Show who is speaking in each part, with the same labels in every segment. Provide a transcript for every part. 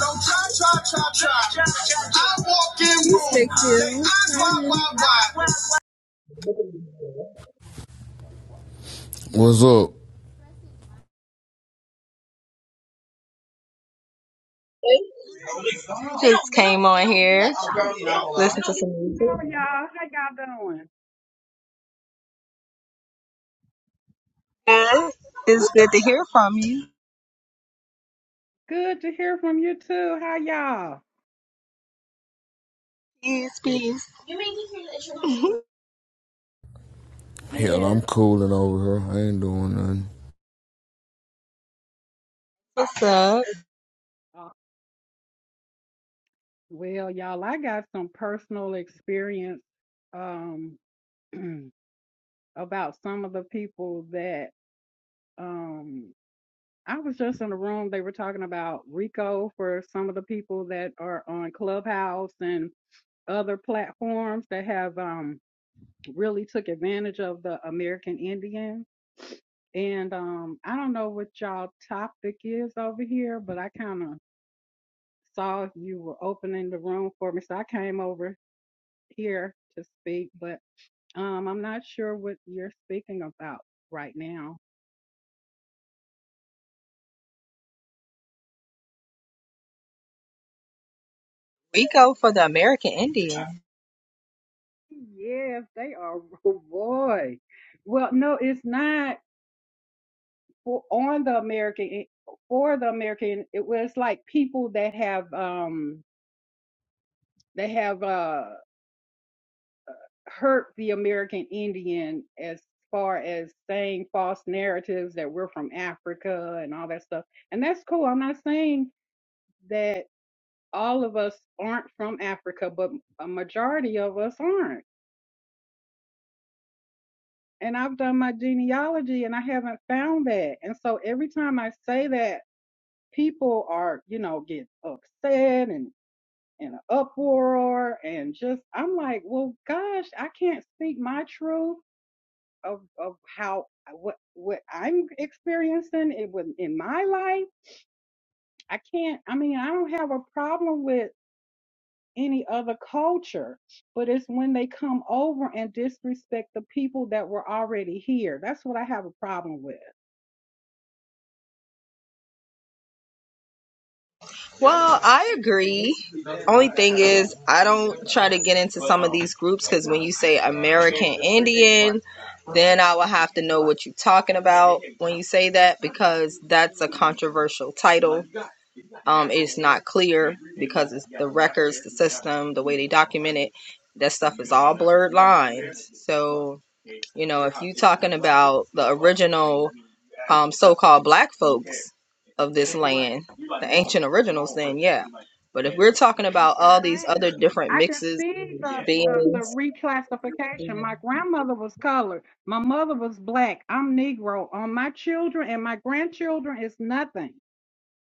Speaker 1: Don't try, try, try, try. I walk in room.
Speaker 2: What's up?
Speaker 3: Greetings.
Speaker 1: Just came on here. Listen to some.
Speaker 3: How are y'all? How y'all doing?
Speaker 1: It's good to hear from you.
Speaker 3: Good to hear from you too. How y'all?
Speaker 1: Peace, peace.
Speaker 2: Hell,
Speaker 3: Yes.
Speaker 2: I'm cooling over here. I ain't doing nothing.
Speaker 1: What's up?
Speaker 3: Uh, Well, y'all, I got some personal experience um about some of the people that um I was just in a room they were talking about Rico for some of the people that are on Clubhouse and other platforms that have um really took advantage of the American Indian. And um, I don't know what y'all topic is over here, but I kind of saw you were opening the room for me, so I came over here to speak. But um, I'm not sure what you're speaking about right now.
Speaker 1: We go for the American Indian.
Speaker 3: Yes, they are. Oh boy. Well, no, it's not for on the American for the American. It was like people that have um they have hurt the American Indian as far as saying false narratives that we're from Africa and all that stuff. And that's cool. I'm not saying that all of us aren't from Africa, but a majority of us aren't. And I've done my genealogy and I haven't found that. And so every time I say that, people are, you know, get upset and in an uproar and just I'm like, well gosh, I can't speak my truth of of how uh, what what I'm experiencing it with in my life. I can't. I mean, I don't have a problem with any other culture, but it's when they come over and disrespect the people that were already here. That's what I have a problem with.
Speaker 1: Well, I agree. Only thing is, I don't try to get into some of these groups because when you say American Indian, then I will have to know what you're talking about when you say that because that's a controversial title um, is not clear because it's the records, the system, the way they document it, that stuff is all blurred lines. So, you know, if you are talking about the original um, so-called black folks of this land, the ancient originals, then yeah. But if we're talking about all these
Speaker 3: Right.
Speaker 1: other different
Speaker 3: I can
Speaker 1: mixes,
Speaker 3: see the uh, the
Speaker 1: beings,
Speaker 3: reclassification. My grandmother was colored. My mother was black. I'm Negro. On my children and my grandchildren is nothing.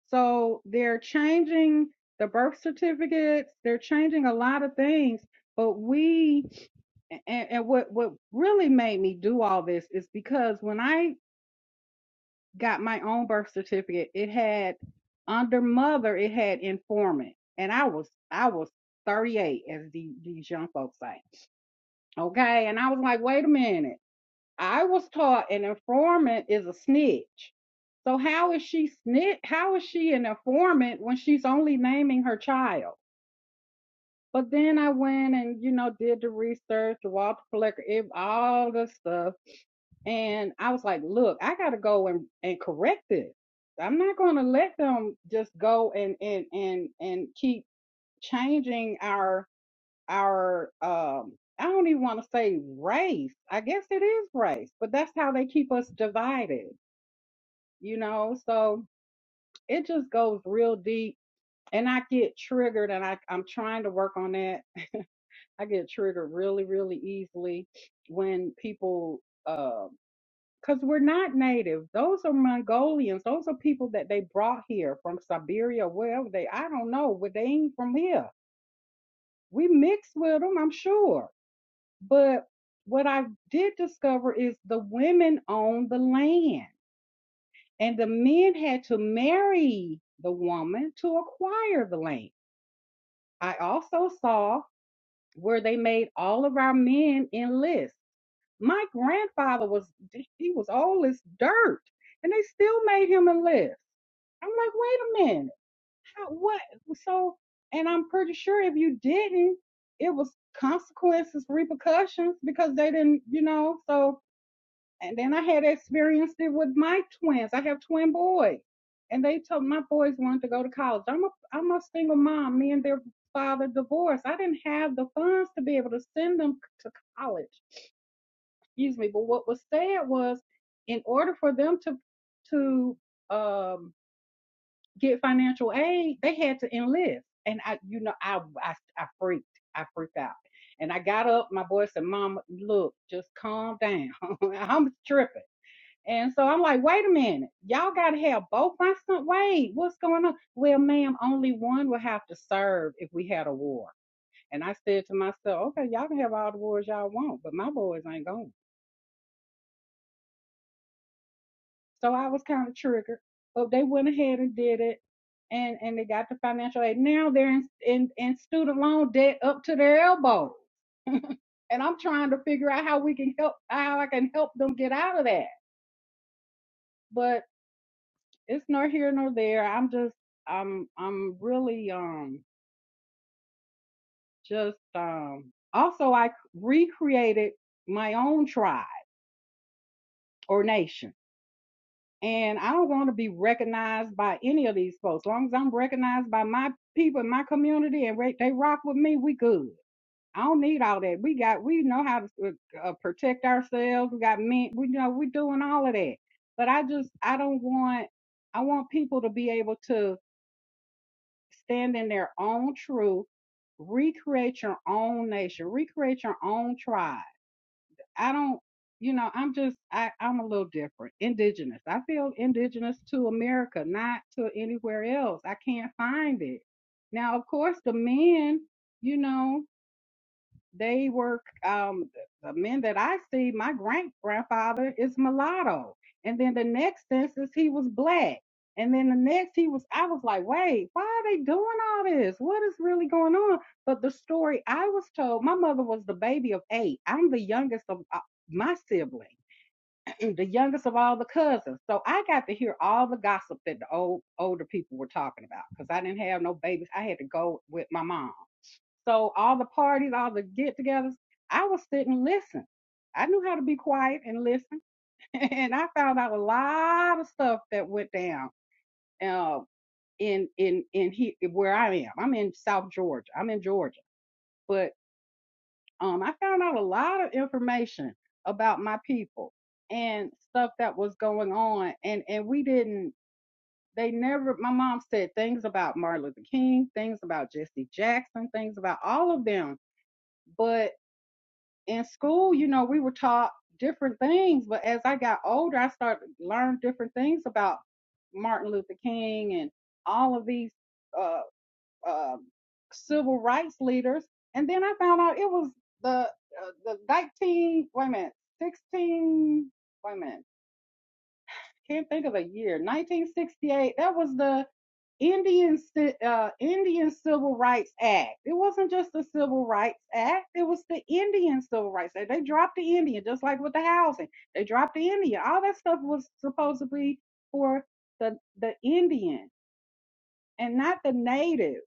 Speaker 3: So they're changing the birth certificates, they're changing a lot of things. But we and, and what what really made me do all this is because when I got my own birth certificate, it had under mother, it had informant. And I was I was 38 as the these young folks say. Okay. And I was like, wait a minute. I was taught an informant is a snitch. So how is she snitch? How is she an informant when she's only naming her child? But then I went and you know did the research, the Walter Plecker, all the stuff, and I was like, look, I gotta go and and correct this. I'm not gonna let them just go and and and and keep changing our our um I don't even want to say race. I guess it is race, but that's how they keep us divided, you know? So it just goes real deep and I get triggered and I I'm trying to work on that. I get triggered really really easily when people um cuz we're not native. Those are Mongolians. Those are people that they brought here from Siberia, wherever they I don't know, but they ain't from here. We mixed with them, I'm sure But what I did discover is the women owned the land, and the men had to marry the woman to acquire the land. I also saw where they made all of our men enlist. My grandfather was he was old as dirt, and they still made him enlist. I'm like, wait a minute, how, what? So, and I'm pretty sure if you didn't, it was consequences, repercussions because they didn't, you know. So And then I had experienced it with my twins. I have twin boys, and they told my boys wanted to go to college. I'm a I'm a single mom. Me and their father divorced. I didn't have the funds to be able to send them to college. Excuse me. But what was said was, in order for them to to um, get financial aid, they had to enlist. And I, you know, I I I freaked. I freaked out. And I got up. My boy said, "Mom, look, just calm down. I'm tripping." And so I'm like, wait a minute, y'all got to have both my son. Wait, what's going on? Well, ma'am, only one will have to serve if we had a war. And I said to myself, okay, y'all can have all the wars y'all want, but my boys ain't going. So I was kind of triggered, but they went ahead and did it, and and they got the financial aid. Now they're in in, in student loan debt up to their elbow, and I'm trying to figure out how we can help, how I can help them get out of that. but. it's nor here nor there. I'm just I'm I'm really um just um also I recreated my own tribe or nation. And I don't want to be recognized by any of these folks. As long as I'm recognized by my people in my community and re- they rock with me, we good. I don't need all that. We got we know how to uh, uh, protect ourselves. We got men. We you know we're doing all of that. But I just I don't want I want people to be able to stand in their own truth, recreate your own nation, recreate your own tribe. I don't, you know, I'm just, I, I'm a little different, indigenous. I feel indigenous to America, not to anywhere else. I can't find it. Now, of course, the men, you know, they were um, the men that I see. My great grandfather is mulatto, and then the next census he was black, and then the next he was. I was like, wait, why are they doing all this? What is really going on? But the story I was told, my mother was the baby of eight. I'm the youngest of uh, my sibling, the youngest of all the cousins. So I got to hear all the gossip that the old older people were talking about because I didn't have no babies. I had to go with my mom. So all the parties, all the get-togethers, I would sit and listen. I knew how to be quiet and listen, and I found out a lot of stuff that went down uh, in in in he, where I am. I'm in South Georgia. I'm in Georgia, but um, I found out a lot of information about my people and stuff that was going on, and and we didn't. They never. My mom said things about Martin Luther King, things about Jesse Jackson, things about all of them, but in school, you know, we were taught different things, but as I got older, I started to learn different things about Martin Luther King and all of these uh, uh, civil rights leaders. And then I found out it was the uh, the 19 wait a minute 16 wait a minute can't think of a year. 1968. That was the Indian uh, Indian Civil Rights Act. It wasn't just the Civil Rights Act. It was the Indian Civil Rights Act. They dropped the Indian, just like with the housing. They dropped the Indian. All that stuff was supposedly for the the Indian and not the native,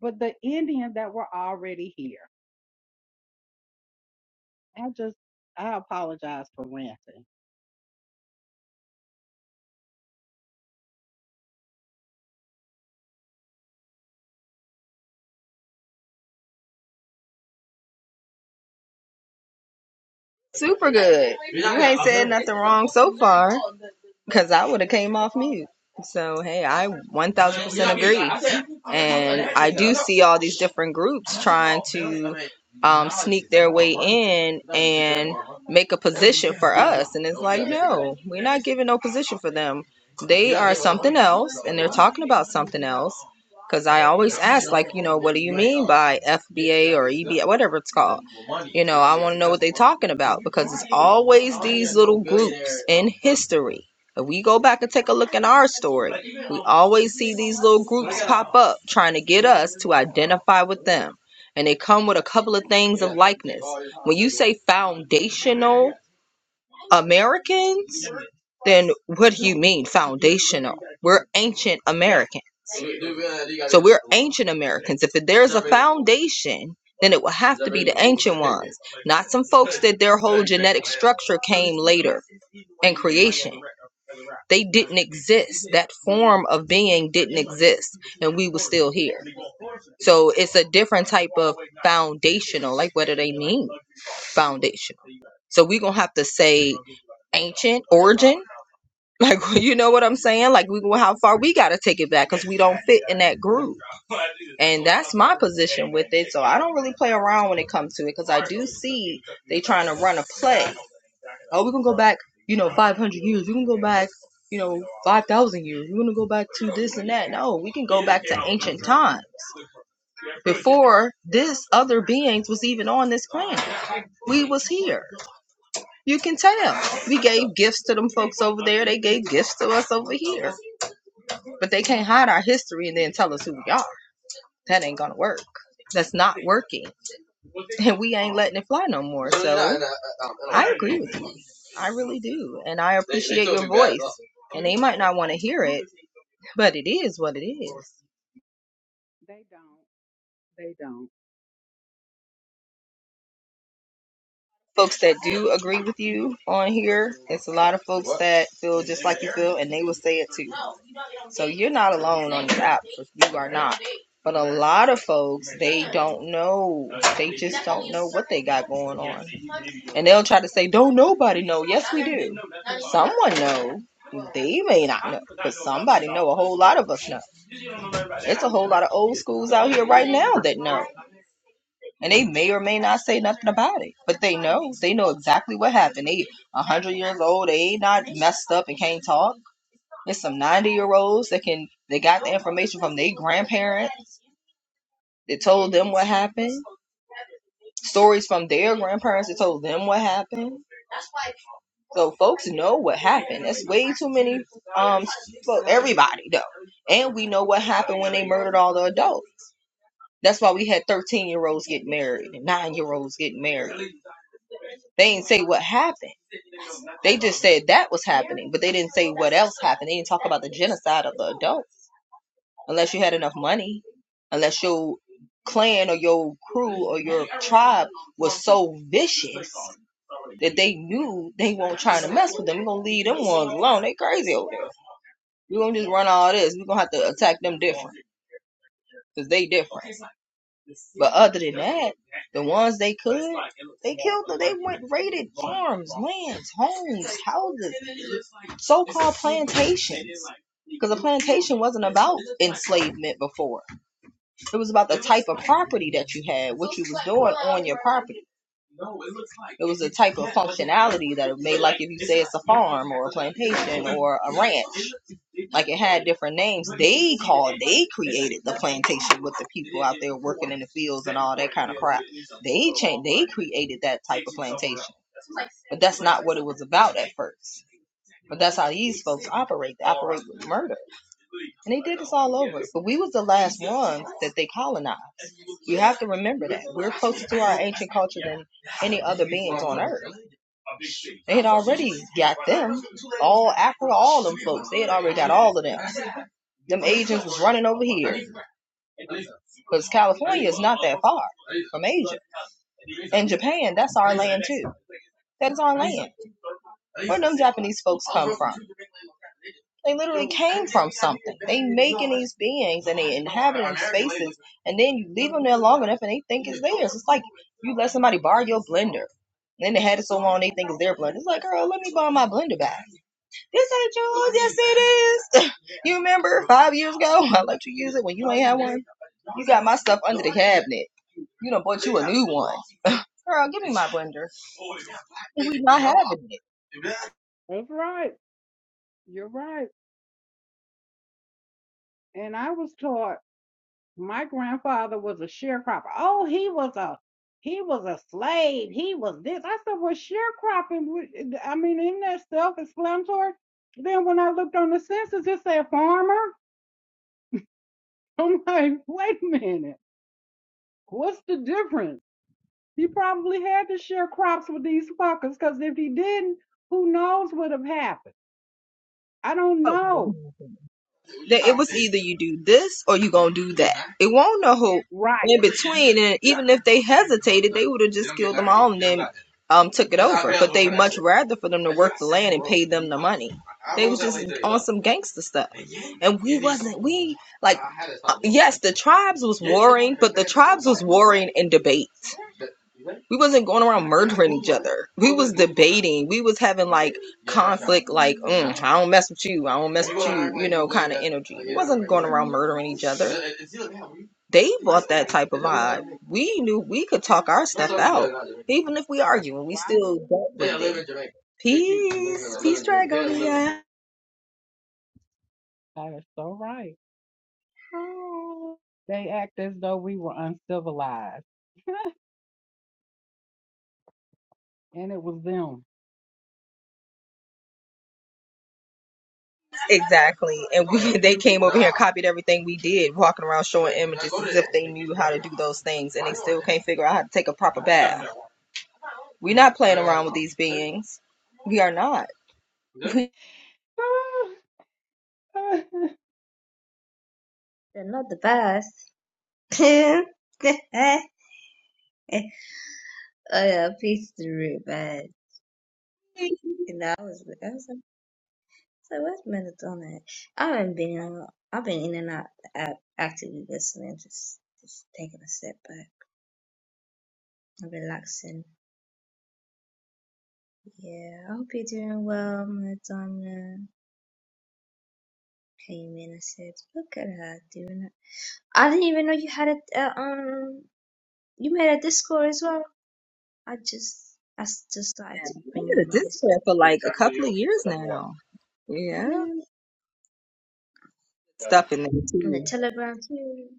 Speaker 3: but the Indians that were already here. I just I apologize for ranting.
Speaker 1: super good. You ain't said nothing wrong so far. because I would have came off mute. So hey, I 1000% agree, and I do see all these different groups trying to um, sneak their way in and make a position for us, and it's like no, we're not giving no position for them. They are something else, and they're talking about something else. Because I always ask, like, you know, what do you mean by FBA or EBA, whatever it's called? You know, I want to know what they're talking about because it's always these little groups in history if we go back and take a look in our story, we always see these little groups pop up trying to get us to identify with them. And they come with a couple of things of likeness. When you say foundational Americans, then what do you mean foundational? We're ancient Americans. So we're ancient Americans. If there's a foundation, then it will have to be the ancient ones, not some folks that their whole genetic structure came later in creation. They didn't exist. That form of being didn't exist, and we were still here. So it's a different type of foundational. Like, what do they mean? Foundational. So we're going to have to say ancient origin. Like, you know what I'm saying? Like, we how far we got to take it back because we don't fit in that groove. And that's my position with it. So I don't really play around when it comes to it because I do see they trying to run a play. Oh, we can go back, you know, 500 years. We can go back, you know, 5,000 years. We're going to go back to this and that. No, we can go back to ancient time before this other beings was even on this planet. We was here. You can tell. We gave gifts to them folks over there. They gave gifts to us over here. But they can't hide our history and then tell us who we are. That ain't going to work. That's not working. And we ain't letting it fly no more. So I agree with I really do. And I appreciate your voice. And they might not want to hear it, but it is what it is.
Speaker 3: They don't. They don't.
Speaker 1: Folks that do agree with you on here, it's a lot of folks that feel just like you feel, and they will say it too. So you're not alone on this app. so you are not. But a lot of folks, they don't know. They just don't know what they got going on. And they'll try to say, don't nobody know. Yes, we do. Someone know. They may not know. Somebody know. A whole lot of us know. It's a whole lot of old schools out here right now that know. And they may or may not say nothing about it. But they know. They know exactly what happened. They a hundred years old, they ain't not messed up and can't talk. There's some ninety year olds that can they got the information from their grandparents that told them what happened. Stories from their grandparents that told them what happened. So folks know what happened. That's way too many um for everybody though. And we know what happened when they murdered all the adults. That's why we had 13 year olds get married and nine year olds get married. They didn't say what happened. They just said that was happening, but they didn't say what else happened. They didn't talk about the genocide of the adults unless you had enough money, unless your clan or your crew or your tribe was so vicious that they knew they weren't trying to mess with them. We're going to leave them ones alone. They crazy over there. We're going to just run all this. We're going to have to attack them different because they different. But other than that, the ones they could raided lands, homes. housing soul slave meant before. It was about property that you had, what you was doing on your property, either plantation or a ranch, different names. They created the plantation with the people that were in the fields. They they created that type of plantation, but that's not what it was about at first. But that's how these folks operate. They operate with murder, and they did this all over. But we was the last ones that they colonized. You have to remember that we're closer to our ancient culture than any other beings on earth. They had already got them. All Africa, all them folks. They had already got all of them. Them agents was running over here. Far from Asia. Japan, that's our that's our these folks. They literally these beings and, and then you leave them there long enough and they think it's theirs. It's like you let somebody borrow your blender. And then they had it so long they think it's their blender. It's like, girl, let me borrow my blender back. This ain't yours, yes it is. you remember five years ago? I let you use it when you you got my stuff under the cabinet. You done bought you a new girl, give me my blender. We not having it.
Speaker 3: That's right. You're right. And I was taught. My grandfather was a sharecropper. Oh, he was a he was a slave. He was this. I said, well, sharecropping. I mean, isn't that self-explanatory? Then when I looked on the census, it said farmer. I'm like, wait a minute. What's the difference? He probably had to share crops with these fuckers, because if he didn't, who knows what would have happened? I don't
Speaker 1: that
Speaker 3: know.
Speaker 1: it was either you do this or you gonna do that. It won't know who
Speaker 3: Right.
Speaker 1: in between, and even if they hesitated, they would have just um took it much rather for them to work the land and pay them the money. They was just on some gangster stuff, and we wasn't. We like uh, yes, the tribes was warring, but the tribes was warring in debate. We wasn't going around murdering each other. We was debating. We was having like conflict, like mm, I don't mess with you, I don't mess with you, you know, kind of energy. We wasn't going around murdering each other. They bought that type of vibe. We knew we could talk our stuff out, even if we
Speaker 3: That's
Speaker 1: arguing. We
Speaker 3: Right.
Speaker 1: still dealt with it. Peace, peace, Dragonia.
Speaker 3: That is so right.
Speaker 4: Hi.
Speaker 3: They act as though we were uncivilized, and it was them.
Speaker 1: Exactly, and we they came over here and copied everything we did, walking around showing images as if they knew how to do those things, and they still can't figure out how to take a proper bath. We're not playing around with these beings. We are not.
Speaker 4: They're not the best. Oh yeah, peace through, but you know, I was, I was like, so what's melatonin? I haven't
Speaker 3: my
Speaker 4: been, I've been in and out, out actively listening, just, just taking a step, but i relaxing. Yeah, I hope you're doing well, melatonin. Came in and said, look at her doing it. I didn't even know you had it. Uh, um, you made a Discord as well. I just, I s- just started to
Speaker 1: We
Speaker 4: bring
Speaker 1: had
Speaker 4: up
Speaker 1: a
Speaker 4: my Discord.
Speaker 1: discount for like a couple of years now. Yeah,
Speaker 4: Even
Speaker 1: stuff in there
Speaker 4: on the
Speaker 1: too.
Speaker 4: Telegram too.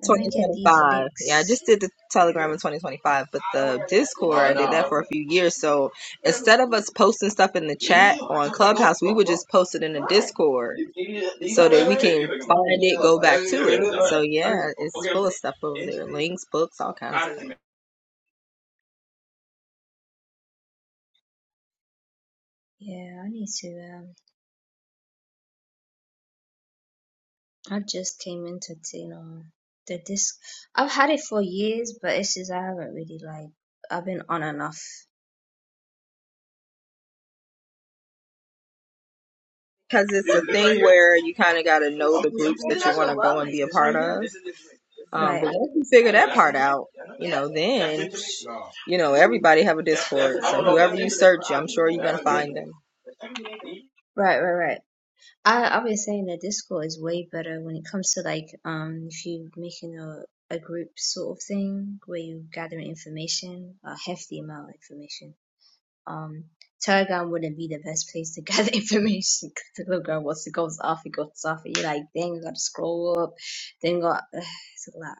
Speaker 4: Let me get these
Speaker 1: Yeah, I
Speaker 4: links.
Speaker 1: just did the Telegram in 2025, but the Discord, I did that for a few years. So instead of us posting stuff in the chat on Clubhouse, we would just post it in the Discord so that we can find
Speaker 4: Oh
Speaker 1: it, go back to it. So yeah, it's full of stuff over there links, books, all kinds.
Speaker 4: yeah, I need to. Um, I just came into you know the disc. I've had it for years, but it's just I haven't really like. I've been on and off.
Speaker 1: Because it's a thing where you kind of got to know the groups that you want to go and be a part of. Um,
Speaker 4: Right,
Speaker 1: but once you figure that part out, you know, then, you know, everybody have a Discord. So whoever you search, I'm sure you're going to find them.
Speaker 4: right, right, right. I I've been saying that Discord is way better when it comes to like um if you're making a a group sort of thing where you gather information, a hefty amount of information um, Telegram wouldn't be the best place to gather information because Telegram, once it goes off, it goes off, and you're like, dang, you gotta scroll up, then go, it's a lot.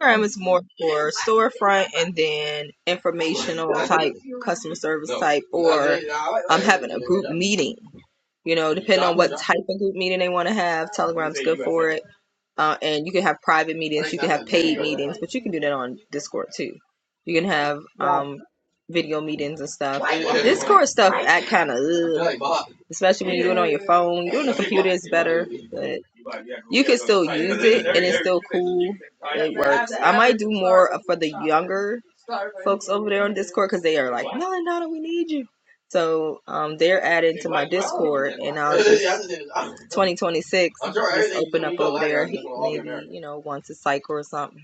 Speaker 1: program is more for storefront and then informational type customer service type or I'm having a group meeting. You know, depending on
Speaker 4: Mm-hmm.
Speaker 1: what type of group meeting they want to have, Telegram's good for it uh, and you can have private meetings, you can have paid meetings, but you can do that on Discord too. You can have
Speaker 4: Right.
Speaker 1: um, video meetings and stuff. Discord stuff act kind of, especially when you do it on your phone. Doing the computer is better, but works. I might do more for the younger folks over there on Discord because they are like, Melon Donna, we need you. So um, they're adding now 2026 just open up over there he, maybe you know once a cycle or something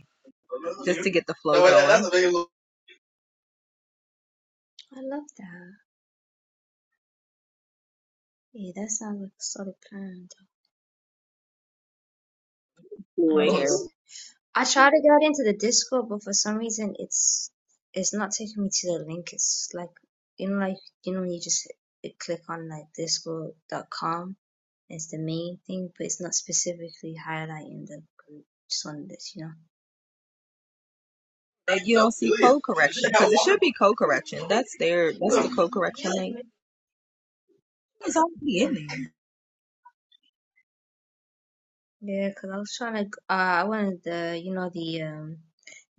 Speaker 1: to get the flow going
Speaker 4: I love that. Yeah, that sounds like a solid plan. though. I'm
Speaker 1: in here
Speaker 4: just, I try to get into the Discord, but for some reason, it's it's not taking me to the link. It's like, you know, like, you know, when you just click on like discord.com as the main thing, but it's not specifically highlighting the group. Just wanted this, you know.
Speaker 1: like you don't see code correction because it should be code correction that's their that's the code correction link it's already in
Speaker 4: Hmm.
Speaker 1: there
Speaker 4: Yeah, because I was trying to. Uh, I wanted the, you know, the um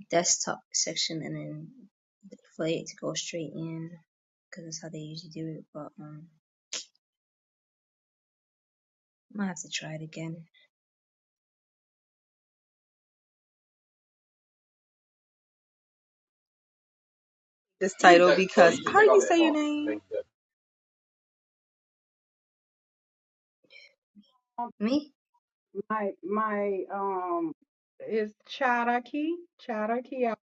Speaker 4: desktop section, and then for it to go straight in, because that's how they usually do it. But um, I might have to try it again.
Speaker 1: this title because how do you say your name
Speaker 4: Me?
Speaker 3: my my, um is Cherokee, Cherokee. I-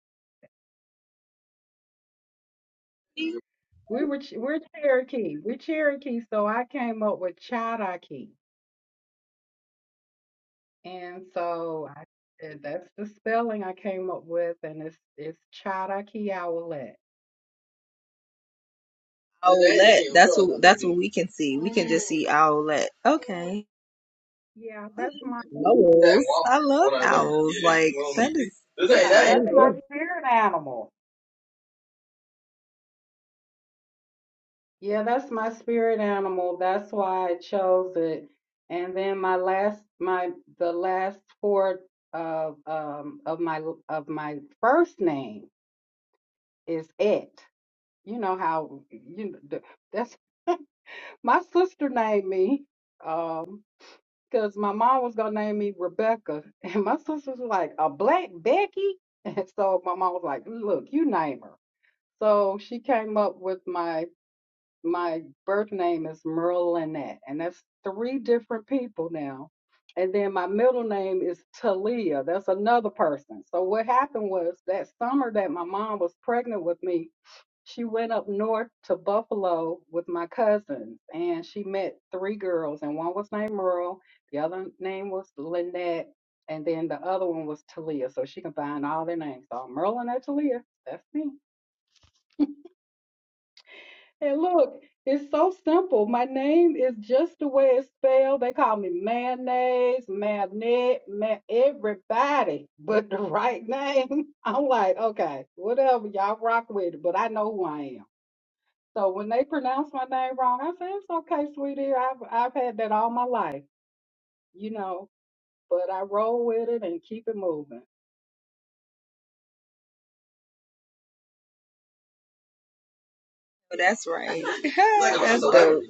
Speaker 3: We were Ch- we're Cherokee, we're Cherokee. So I came up with Cherokee, and so I, and that's the spelling I came up with, and it's it's Cherokee Owlet.
Speaker 1: Owlette. That's what that's what we can see. We can just see Owlette. Okay.
Speaker 3: Yeah, that's my
Speaker 1: Owls. I love owls. Like that
Speaker 3: yeah, that's
Speaker 1: is
Speaker 3: my spirit animal. Yeah, that's my spirit animal. That's why I chose it. And then my last, my the last four of um of my of my first name is it. You know how you know, th- that's my sister named me um because my mom was gonna name me Rebecca, and my sister was like a black Becky, and so my mom was like, "Look, you name her." So she came up with my my birth name is Merlinette, and that's three different people now. And then my middle name is Talia. That's another person. So what happened was that summer that my mom was pregnant with me, she went up north to Buffalo with my cousins, and she met three girls, and one was named Merle, the other name was Lynette, and then the other one was Talia. So she combined all their names. So Merle Merlinette Talia. That's me. And look, it's so simple. My name is just the way it's spelled. They call me mayonnaise, magnet, ma- everybody, but the right name. I'm like, okay, whatever, y'all rock with it, but I know who I am. So when they pronounce my name wrong, I say, it's okay, sweetie. I've, I've had that all my life, you know, but I roll with it and keep it moving.
Speaker 1: That's right. That's dope.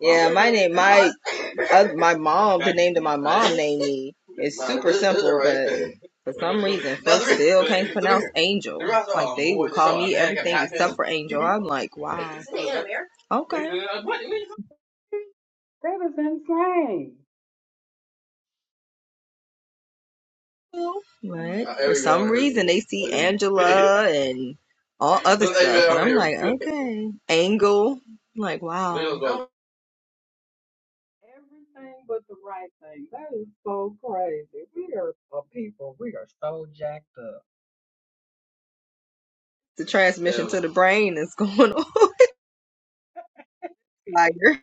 Speaker 1: Yeah, my name, my uh, my mom, the name that my mom named me is super simple, but for some reason, folks still can't pronounce angel. Like they will call me everything except for angel. I'm like, wow. Okay.
Speaker 3: That is insane.
Speaker 1: Right. For some reason, they see Angela and all other stuff, and I'm like, okay, angle. I'm like, wow.
Speaker 3: Everything but the right thing. That is so crazy. We are a people. We are so jacked up.
Speaker 1: The transmission to the brain is going on fire.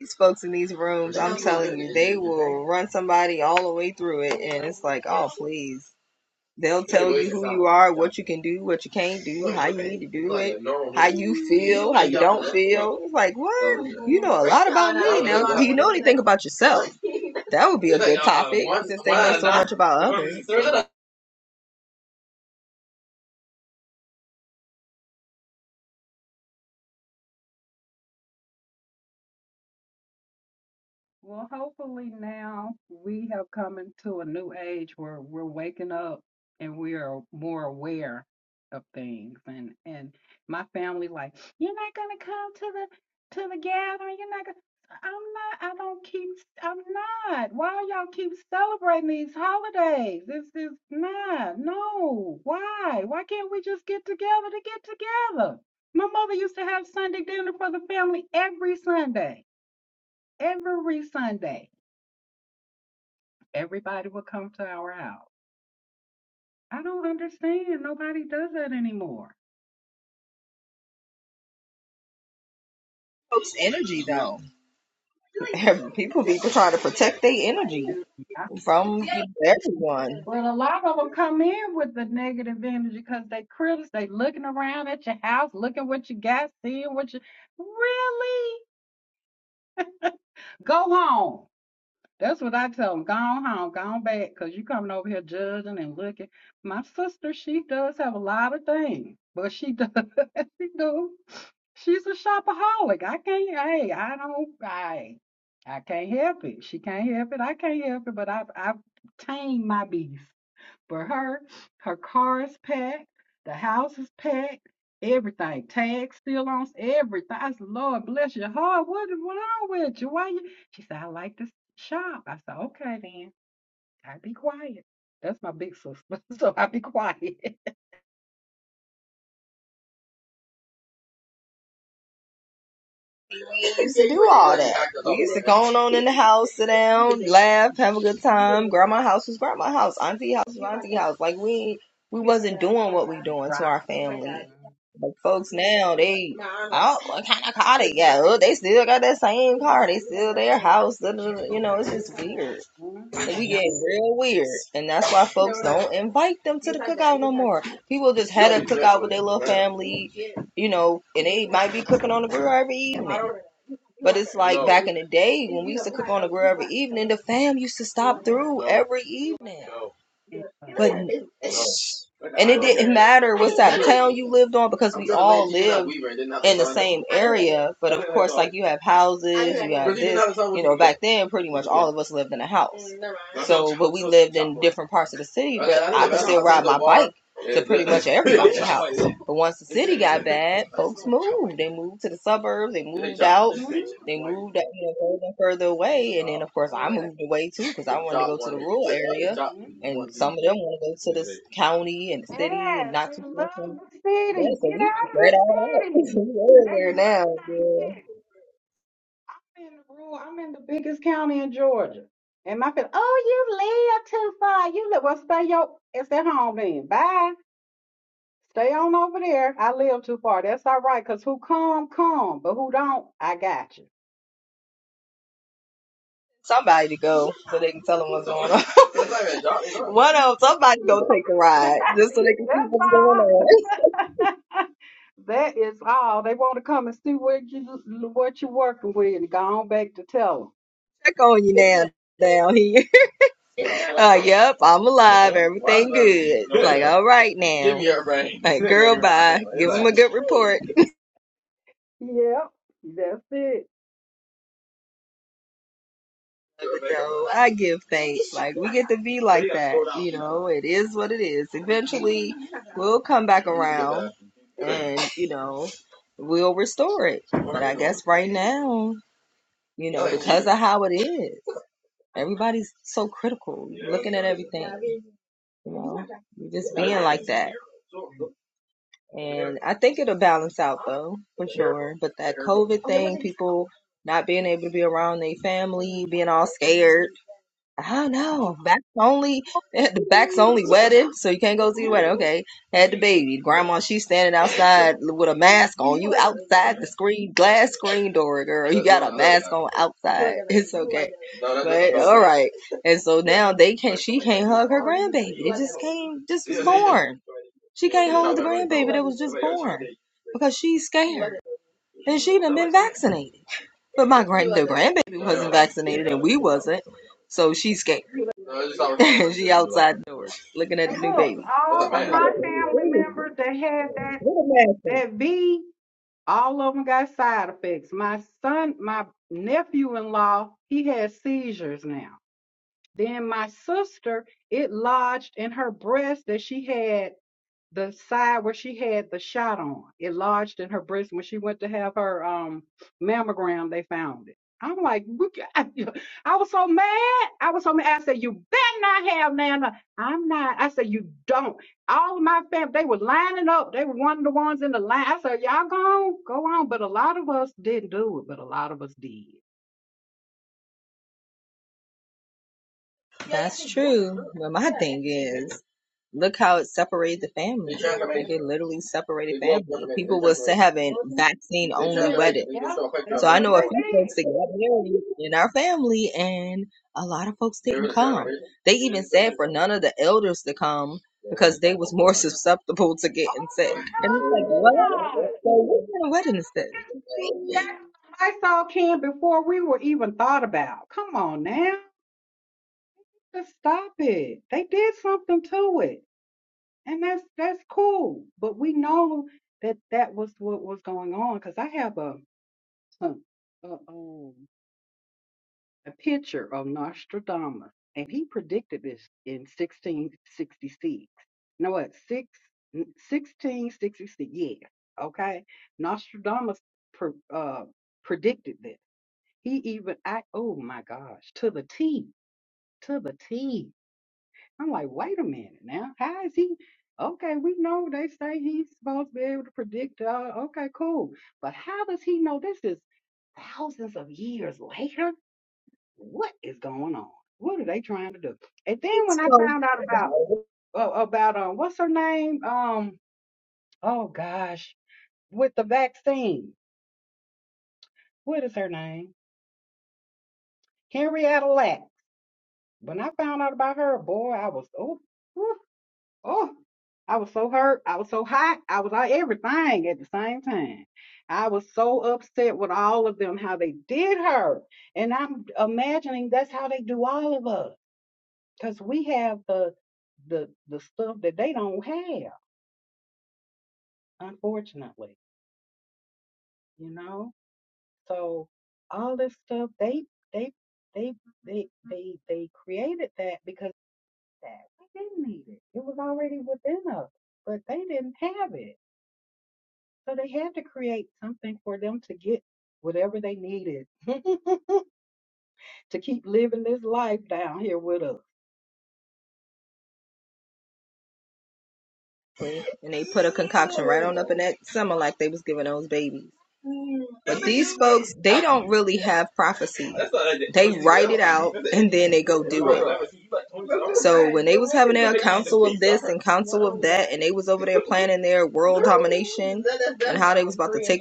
Speaker 1: These folks in these rooms, I'm telling you, they will run somebody all the way through it, and it's like, oh, please. They'll tell you who you are, what you can do, what you can't do, how you need to do it, how you feel, how you don't feel. It's like, what? You know a lot about me. Now, do you know anything about yourself? That would be a good topic since they know so much about others. Folks'
Speaker 3: Well, hopefully now we have come into a new age where we're waking up and we are more aware of things. And and my family like, you're not gonna come to the to the gathering. You're not gonna. I'm not. I don't keep. I'm not. Why y'all keep celebrating these holidays? This is not. No. Why? Why can't we just get together to get together? My mother used to have Sunday dinner for the family every Sunday. Every Sunday Everybody would come to our house. I don't understand. Nobody does that anymore.
Speaker 1: energy, though. People be trying to protect their energy
Speaker 3: Yeah.
Speaker 1: from everyone.
Speaker 3: Well, a lot of them come in with the negative energy because they critics. They looking around at your house, looking what you got, seeing what you really go home. That's what I tell them. Go on home, go on back, because you coming over here judging and looking. My sister, she does have a lot of things, but she does, she do. She's a shopaholic. I can't. Hey, I don't. I I can't help it. She can't help it. I can't help it. But I've I've tamed my beast. But her, her car is packed. The house is packed. Everything. Tags still on. s- Everything. I said, Lord bless your heart. What is wrong with you? Why you? She said, I like to shop. I said, okay then. I be quiet. That's my big sister. so I be quiet.
Speaker 1: We used to do all that. We used to go on in the house, sit down, laugh, have a good time. Grandma house was grandma house, auntie house was auntie house. Like we we wasn't doing what we doing to our
Speaker 3: right.
Speaker 1: family. Like folks now, they oh what kind of car they got? Oh, they still got that same car. They still their house. You know, it's just weird. Like, we getting real weird, and that's why folks don't invite them to the cookout no more. People just had a cookout with their little family, you know, and they might be cooking on the grill every evening. But it's like back in the day when we used to cook on the grill every evening, the fam used to stop through every evening.
Speaker 3: Mm-hmm.
Speaker 1: And it didn't matter what side of town you lived on because we all lived in the same area. But of course, like you have houses, you have this. You know, back then, pretty much all of us lived in a house. So, but we lived in different parts of the city, but I could still ride my bike to pretty much everybody's house. But once the city got bad, folks moved. They moved to the suburbs. They moved out. They moved out, you know, further and further
Speaker 3: Mhm.
Speaker 1: away. And then, of course, I moved away too because I wanted to go to the rural area. And some of them want to go to the county and the city and
Speaker 3: Yes,
Speaker 1: not
Speaker 3: they
Speaker 1: too
Speaker 3: love
Speaker 1: far from.
Speaker 3: the
Speaker 1: Yeah,
Speaker 3: city.
Speaker 1: so
Speaker 3: Get
Speaker 1: we
Speaker 3: out of
Speaker 1: spread
Speaker 3: the
Speaker 1: all out.
Speaker 3: city.
Speaker 1: We're
Speaker 3: They
Speaker 1: everywhere
Speaker 3: love
Speaker 1: now.
Speaker 3: that
Speaker 1: Yeah.
Speaker 3: city. I'm in the rural, I'm in the biggest county in Georgia. And my family, oh, you live too far. You live, well, stay your, it's at home then. Bye. Stay on over there. I live too far. That's all right, because who come, come, but who don't, I got you.
Speaker 1: somebody to go so they can tell them what's going on. One of 'em, somebody go take the
Speaker 3: That's
Speaker 1: ride just so they can see what's going on.
Speaker 3: all. that is all. They want to come and see what you what you're working with and go on back to tell
Speaker 1: Check on you now. Down here, uh, yep, I'm alive, everything good. It's like, all right now, give me your brain. Like, girl, bye. Give them a good report.
Speaker 3: them. Yep, that's it.
Speaker 1: So I give thanks. Like, we get to be like that, you know. It is what it is. Eventually, we'll come back around, and you know, we'll restore it. But I guess right now. you know, because of how it is. Everybody's so critical, looking at everything, you know, you just like that. And I think it'll balance out though, for sure. But that COVID thing, people not being able to be around their family, being all scared, I
Speaker 3: Oh,
Speaker 1: know. Back's only eh, the back's only wedding, so you can't go see the wedding. Okay. Had the baby. Grandma, she's standing outside with a mask on. You outside the screen glass screen door, girl. You got a mask on outside. It's okay. But all right. And so now they can't she can't hug her grandbaby. They just came, just was born. She can't hold the grandbaby that was just born. Because she's scared. And she done been vaccinated. But my grand the grandbaby wasn't vaccinated and we wasn't. So she's scared. she outside doors, looking at the
Speaker 3: and
Speaker 1: new
Speaker 3: look,
Speaker 1: baby.
Speaker 3: all of
Speaker 1: like,
Speaker 3: my family members that had that that V, all of them got side effects. My son, my nephew-in-law, he has seizures now. Then my sister, it lodged in her breast that she had the side where she had the shot on. It lodged in her breast. When she went to have her um mammogram, they found it. I'm like, "We I was so mad. I was so mad. I said, "You better not have Nana." I'm not. I said, "You don't." All of my family, they were lining up. They were one of the ones in the line. I said, "Y'all go on, go on." But a lot of us didn't do it, but a lot of us did.
Speaker 1: That's true. But my thing is, Look how it separated the family. Like it literally separated family. People was having vaccine only weddings.
Speaker 3: Yeah, that's
Speaker 1: So I
Speaker 3: what
Speaker 1: know a
Speaker 3: they
Speaker 1: few
Speaker 3: did.
Speaker 1: folks that got married in our family, and a lot of folks didn't come. They even said for none of the elders to come because they was more susceptible to
Speaker 3: Oh
Speaker 1: getting sick. And it's like,
Speaker 3: my
Speaker 1: what?
Speaker 3: God!
Speaker 1: So what kind of wedding is this?
Speaker 3: That's what I saw Ken before we were even thought about. Come on now. Just stop it. They did something to it. And that's that's cool. But we know that that was what was going on because I have a, a, a, um, a picture of Nostradamus and he predicted this in 1666. No, what? six sixteen sixty six? Yeah. Okay. Nostradamus pre, uh, predicted this. He even act oh my gosh, to the T, to the T. I'm like, wait a minute now. How is he? Okay, we know they say he's supposed to be able to predict. Uh, okay, cool. But how does he know this is thousands of years later? What is going on? What are they trying to do? And then when I
Speaker 1: So,
Speaker 3: found out about uh, about um what's her name? Um oh gosh, with the vaccine. What is her name? Henrietta Lacks. When I found out about her, boy, I was oh, oh, oh. I was so hurt. I was so hot. I was like everything at the same time. I was so upset with all of them how they did her, and I'm imagining that's how they do all of us because we have the the the stuff that they don't have, unfortunately. You know, so all this stuff they they they they they they created that because. that. We didn't need it. It was already within us, but they didn't have it. So they had to create something for them to get whatever they needed to keep living this life down here with us.
Speaker 1: and they put a concoction right on up in that summer like they was giving those babies. But these folks, they don't really have prophecy. They write it out and then they go do it. So when this encountered that and they was over there planning their world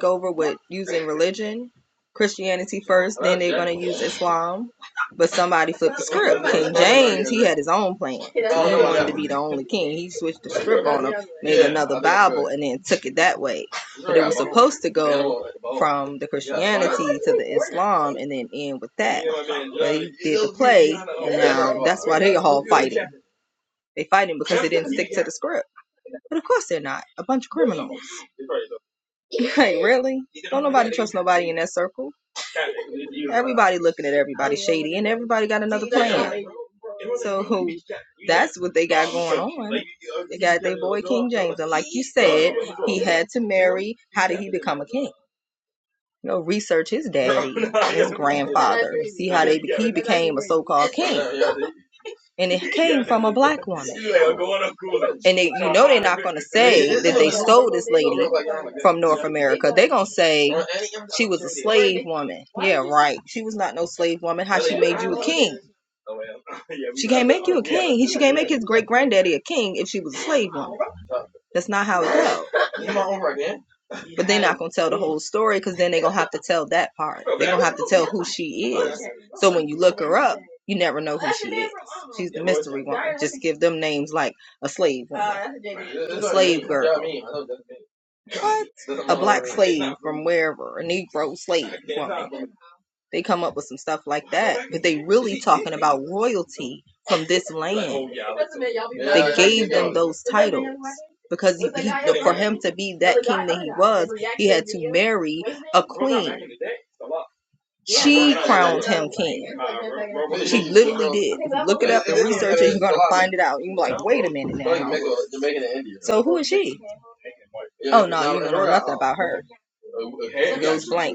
Speaker 1: over using religion, Christianity first, then they're gonna use Islam. But somebody flipped the script. King James, he had his own plan to be the only king. He switched the script, made another Bible and then took it that way. But it was supposed to go from the Christianity to Islam and then end with that. But he did the they all they fighting the script. But of course they're not. A bunch of crooks. Like, really? that circle? Everybody looking at everybody. And everybody got to what they got. Like you said, to marry, how become a king. You know, research his dad, grandfather, called king. And it, I'm a black woman. And they from North America. say she was a slave woman. Right. She was not no slave woman. How she made his great granddaddy a king if she was a slave woman. That's not how it goes. They're not gonna tell the whole story because then they're gonna have to tell that part who she You never know give them names like a slave, a slave girl, what? A black wherever, a Negro slave. They come up with some stuff like they really are royalty from this land, those because to be that very king literally did. Search it, you're gonna find it out. You're like, wait a minute now. So who is she? Oh no, you don't know nothing about her. Blank.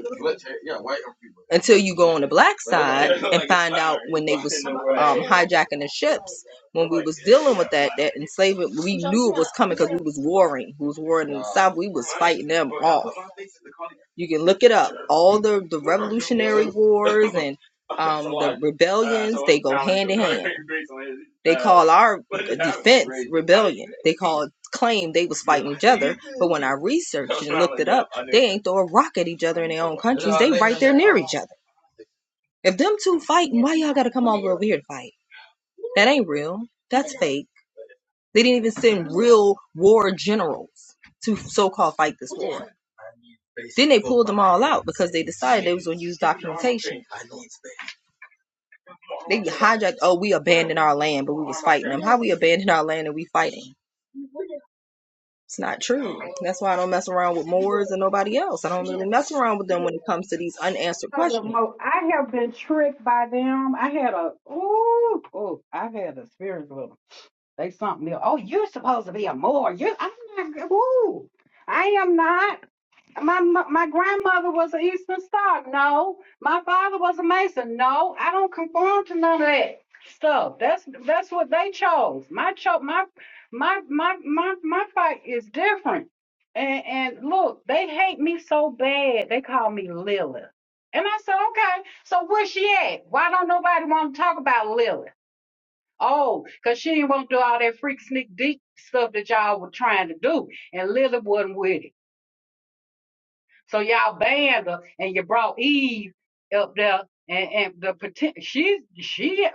Speaker 1: Until you go on the black side, hijacking the ship. That, that enslavement, we we was warring. We was warring in the South. We was never. You can look it up. All the the wars and rebellion, all our rebellion. They called claim they was fighting, but when I researched, they ain't throw a rock at each other in their own countries. They right there near each other. If them two fighting, why y'all gotta come all over here to fight? That ain't real. That's fake. They didn't even send real war generals to so-called fight this war. Then they pulled them all out because they decided they was gonna use documentation They hijacked. Oh, we abandoned our land, but we was fighting them. How we abandoned our land and we fighting? It's not true. That's why I don't mess around with Moors and nobody else. I don't really mess around with them when it comes to these unanswered
Speaker 3: Because of
Speaker 1: questions.
Speaker 3: Mo- I have been tricked by them. I had a ooh, ooh I had experience with 'em. They something new. Oh, you're supposed to be a Moor. You, I'm not. Woo, I am not. My mo- my grandmother was an Eastern Star. No, my father was a Mason. No, I don't conform to none of that stuff. That's that's what they chose. My cho- my my my my my fight is different. And and look, they hate me so bad. They call me Lilith. And I said, okay. So where she at? Why don't nobody want to talk about Lilith? Oh, because she didn't want to do all that freak sneak deep stuff that y'all were trying to do. And Lily wasn't with it. So y'all banned her and you brought Eve up there and, and the potential she's she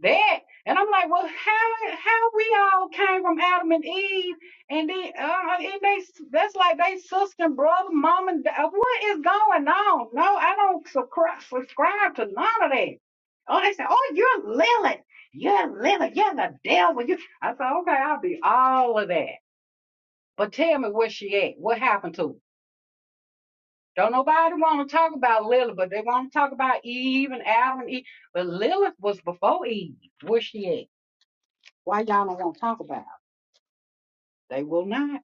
Speaker 3: that. And I'm like, well, how how we all came from Adam and Eve, and then uh, and they that's like they sister and brother, mom and dad. What is going on? No, I don't subscribe, subscribe to none of that. Oh, they say, oh, you're Lilith, you're Lilith, you're the devil. You, I said, okay, I'll be all of that, but tell me where she at? What happened to? her? Don't nobody want to talk about Lilith, but they want to talk about Eve and Adam and Eve. But Lilith was before Eve. Where she at? Why y'all don't want to talk about? it? They will not.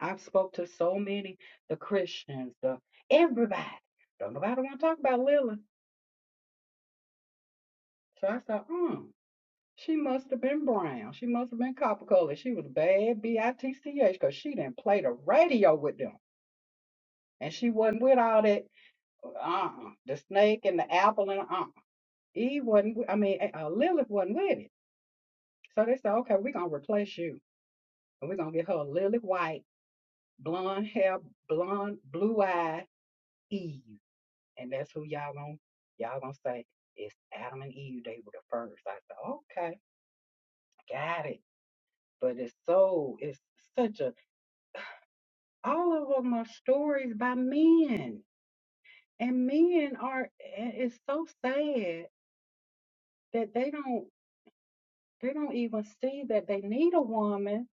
Speaker 3: I've spoke to so many, the Christians, the everybody. Don't nobody want to talk about Lilith. So I thought, hmm, she must have been brown. She must have been copper colored. She was bad, B I T C H, because she didn't play the radio with them. And she wasn't with all that, uh-uh, the snake and the apple and uh-uh. Eve wasn't, wi- I mean, uh, uh, Lilith wasn't with it. So they said, okay, we're going to replace you. And we're going to get her Lilith White, blonde hair, blonde, blue eyed. Eve. And that's who y'all gonna y'all gonna say it's Adam and Eve. They were the first. I said, okay, got it. But it's so it's such a all of them are stories by men. And men are and it's so sad that they don't they don't even see that they need a woman,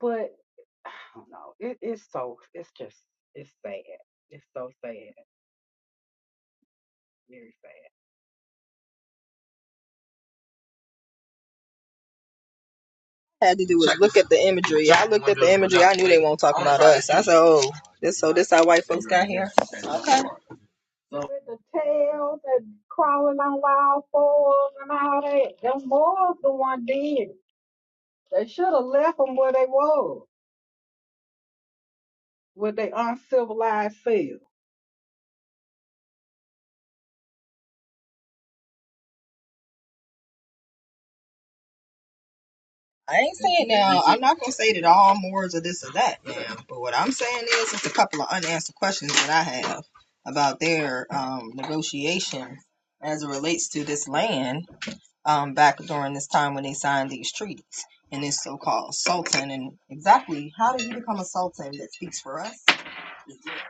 Speaker 3: but I don't know. It, it's so it's just it's sad. It's so sad. Very sad.
Speaker 1: Had to do was look at the imagery. I looked at the imagery. I knew they won't talk about us. I said, "Oh, this so this how white folks got here." Okay.
Speaker 3: with the tails and crawling on all fours and all that. Them boys the one did. it. They should have left them where they was, with their uncivilized selves.
Speaker 1: I ain't saying now. I'm not gonna say that all Moors are this or that now. But what I'm saying is, it's a couple of unanswered questions that I have about their um, negotiation as it relates to this land um, back during this time when they signed these treaties and this so-called sultan. And exactly how did he become a sultan that speaks for us?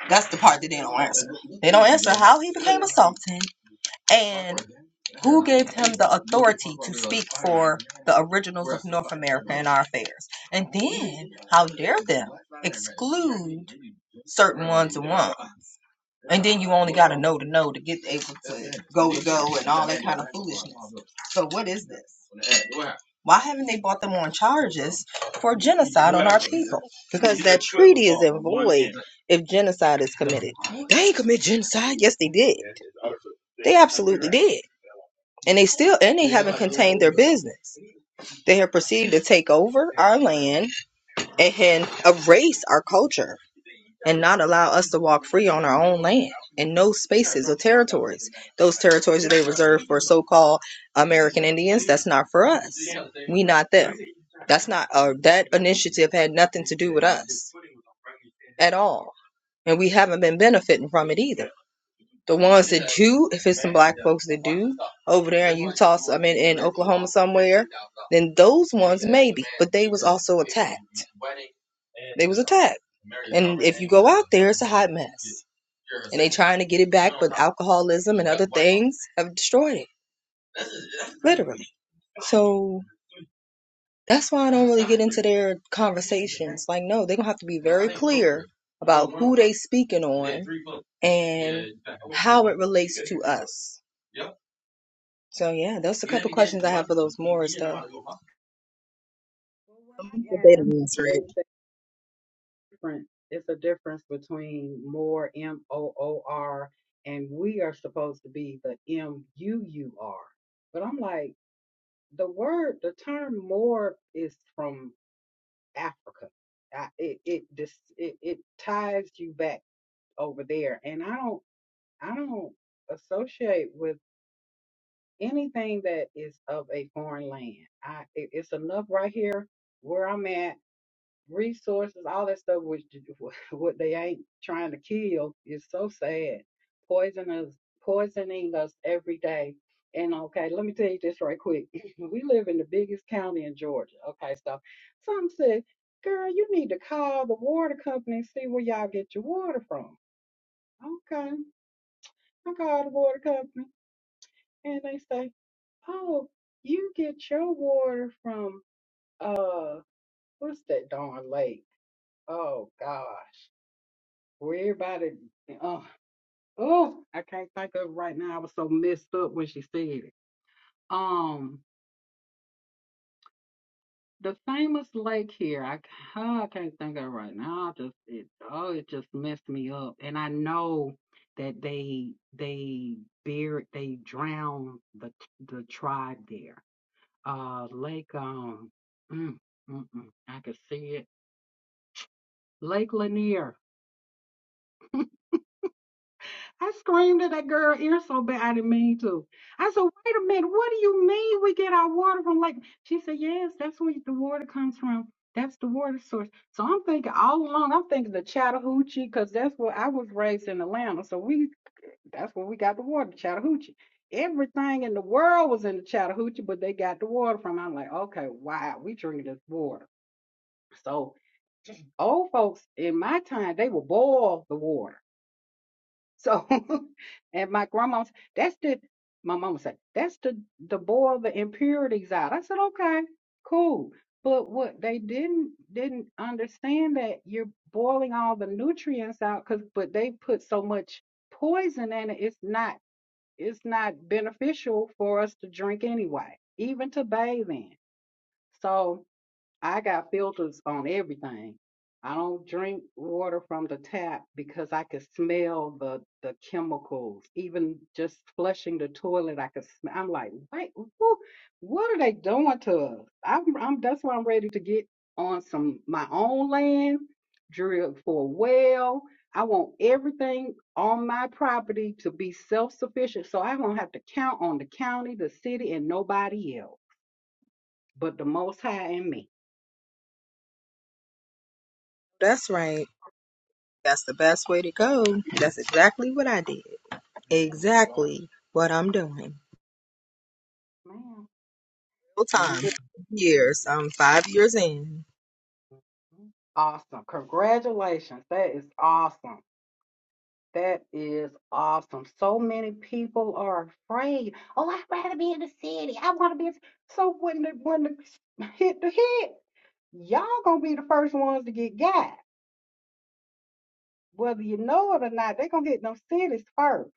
Speaker 1: That's the part that they don't answer. They don't answer how he became a sultan and who gave him the authority to speak for the originals of North America in our affairs? And then how dare them exclude certain ones and ones? And then you only got to know to know to get able to go to go and all that kind of foolishness. So what is this? Why haven't they brought them on charges for genocide? If genocide is committed, they ain't commit genocide. Yes, they did. Did and they still and they haven't contained their business. They have proceeded to take over our land and erase our culture and not allow us to walk free on our own land in no spaces or territories. Those territories that they reserve for so-called American Indians, that's not for us. We not them. That's not uh, that initiative had nothing to do with us at all. And we haven't been benefiting from it either. The ones that do, if it's some black folks that do, over there in Utah, I mean in Oklahoma somewhere, then those ones maybe. But they was also attacked. They was attacked. And if you go out there, it's a hot mess. And they trying to get it back, but alcoholism and other things have destroyed it. Literally. So that's why I don't really get into their conversations. Like, no, they're gonna have to be very clear about who they speaking on and how it relates to us. So yeah, that's the for those
Speaker 3: But when
Speaker 1: moments But
Speaker 3: I
Speaker 1: they
Speaker 3: asked,
Speaker 1: didn't answer it.
Speaker 3: they said different. It's a difference between more M O O R and we are supposed to be the M U U R. But I'm like, the word, the term more is from Africa. I, it it, dis, it it ties you back over there and i don't i don't associate with anything that is of a foreign land i it- it's enough right here where i'm at resources all that stuff which what they ain't trying to kill is so sad Poison us, poisoning us every day and okay let me tell you this right quick we live in the biggest county in georgia okay so some said girl you need to call the water company and see where y'all get your water from okay I call the water company and they say, "Oh, you get your water from uh, what's that darn lake? Oh gosh, where everybody? Oh, oh, I can't think of it right now. I was so messed up when she said it. Um, the famous lake here. I, ca- huh, I can't think of it right now. I just it. Oh, it just messed me up. And I know that they they buried they drowned the the tribe there uh Lake um mm, mm-mm, I could see it. Lake Lanier. I screamed at that girl ear so bad I didn't mean to. I said, wait a minute, what do you mean we get our water from Lake? She said, Yes, that's where the water comes from. That's the water source. So I'm thinking all along, I'm thinking the Chattahoochee, because that's where I was raised in Atlanta. So we that's where we got the water, Chattahoochee. Everything in the world was in the Chattahoochee, but they got the water from. I'm like, okay, wow, we drinking this water. So. old folks in my time they would boil the water so and my grandma's that's the my mama said that's the the boil the impurities out i said okay cool but what they didn't didn't understand that you're boiling all the nutrients out because but they put so much poison in it it's not it's not beneficial for us to drink anyway even to bathe in so I got filters on everything. I don't drink water from the tap because I could smell the the chemicals. Even just flushing the toilet, I could smell. I'm like, wait, whoo, what are they doing to us? I'm, I'm that's why I'm ready to get on some my own land, drill for a well. I want everything on my property to be self-sufficient, so I will not have to count on the county, the city, and nobody else but the Most High and me.
Speaker 1: That's right. That's the best way to go. That's exactly what I did. Exactly what I'm doing.
Speaker 3: Man.
Speaker 1: Full
Speaker 3: And I'm
Speaker 1: time.
Speaker 3: getting
Speaker 1: Years. I'm five years in.
Speaker 3: awesome. Congratulations. That is awesome. That is awesome. So many people are afraid. Oh, I'd rather be in the city. I want to be. in the-" So when the when the hit the hit, y'all gonna be the first ones to get got. Whether you know it or not, they're gonna hit them cities first.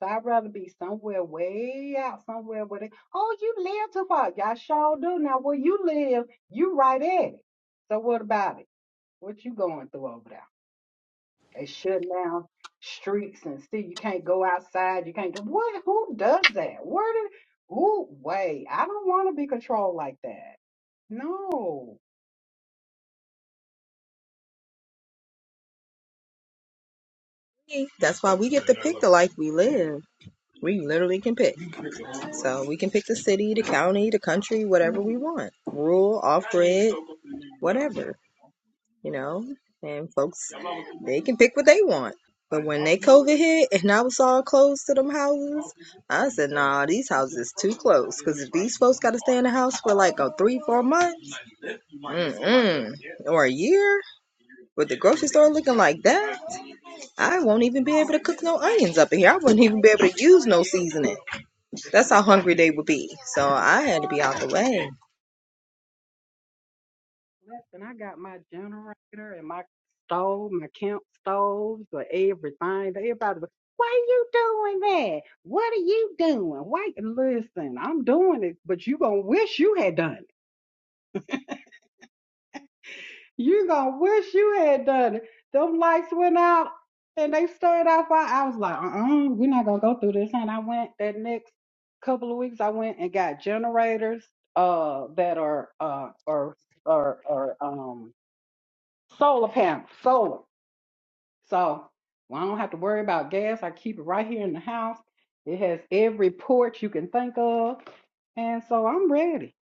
Speaker 3: So I'd rather be somewhere way out, somewhere where they, oh, you live too far. Y'all sure do. Now where you live, you right at it. So what about it? What you going through over there? They shut down streets and see you can't go outside. You can't do what? Who does that? Where did who wait? I don't want to be controlled like that. No.
Speaker 1: That's why we get to pick the life we live. We literally can pick. So we can pick the city, the county, the country, whatever we want. Rural, off grid, whatever. you know, and folks they can pick what they want. But when they COVID hit and I was all closed to them houses, I said, nah, these houses too close. Because if these folks got to stay in the house for like a three, four months, mm-mm, or a year, with the grocery store looking like that, I won't even be able to cook no onions up in here. I wouldn't even be able to use no seasoning. That's how hungry they would be. So I had to be out the way.
Speaker 3: Listen, I got my generator and my stove, my camp stoves, or everything. Everybody, was, why you doing that? What are you doing? Wait, listen, I'm doing it, but you gonna wish you had done it. You're gonna wish you had done it. Them lights went out and they stayed out for I was like, uh-uh, we're not gonna go through this. And I went that next couple of weeks I went and got generators uh that are uh or or or um solar panels, solar. So well, I don't have to worry about gas. I keep it right here in the house. It has every port you can think of. And so I'm ready.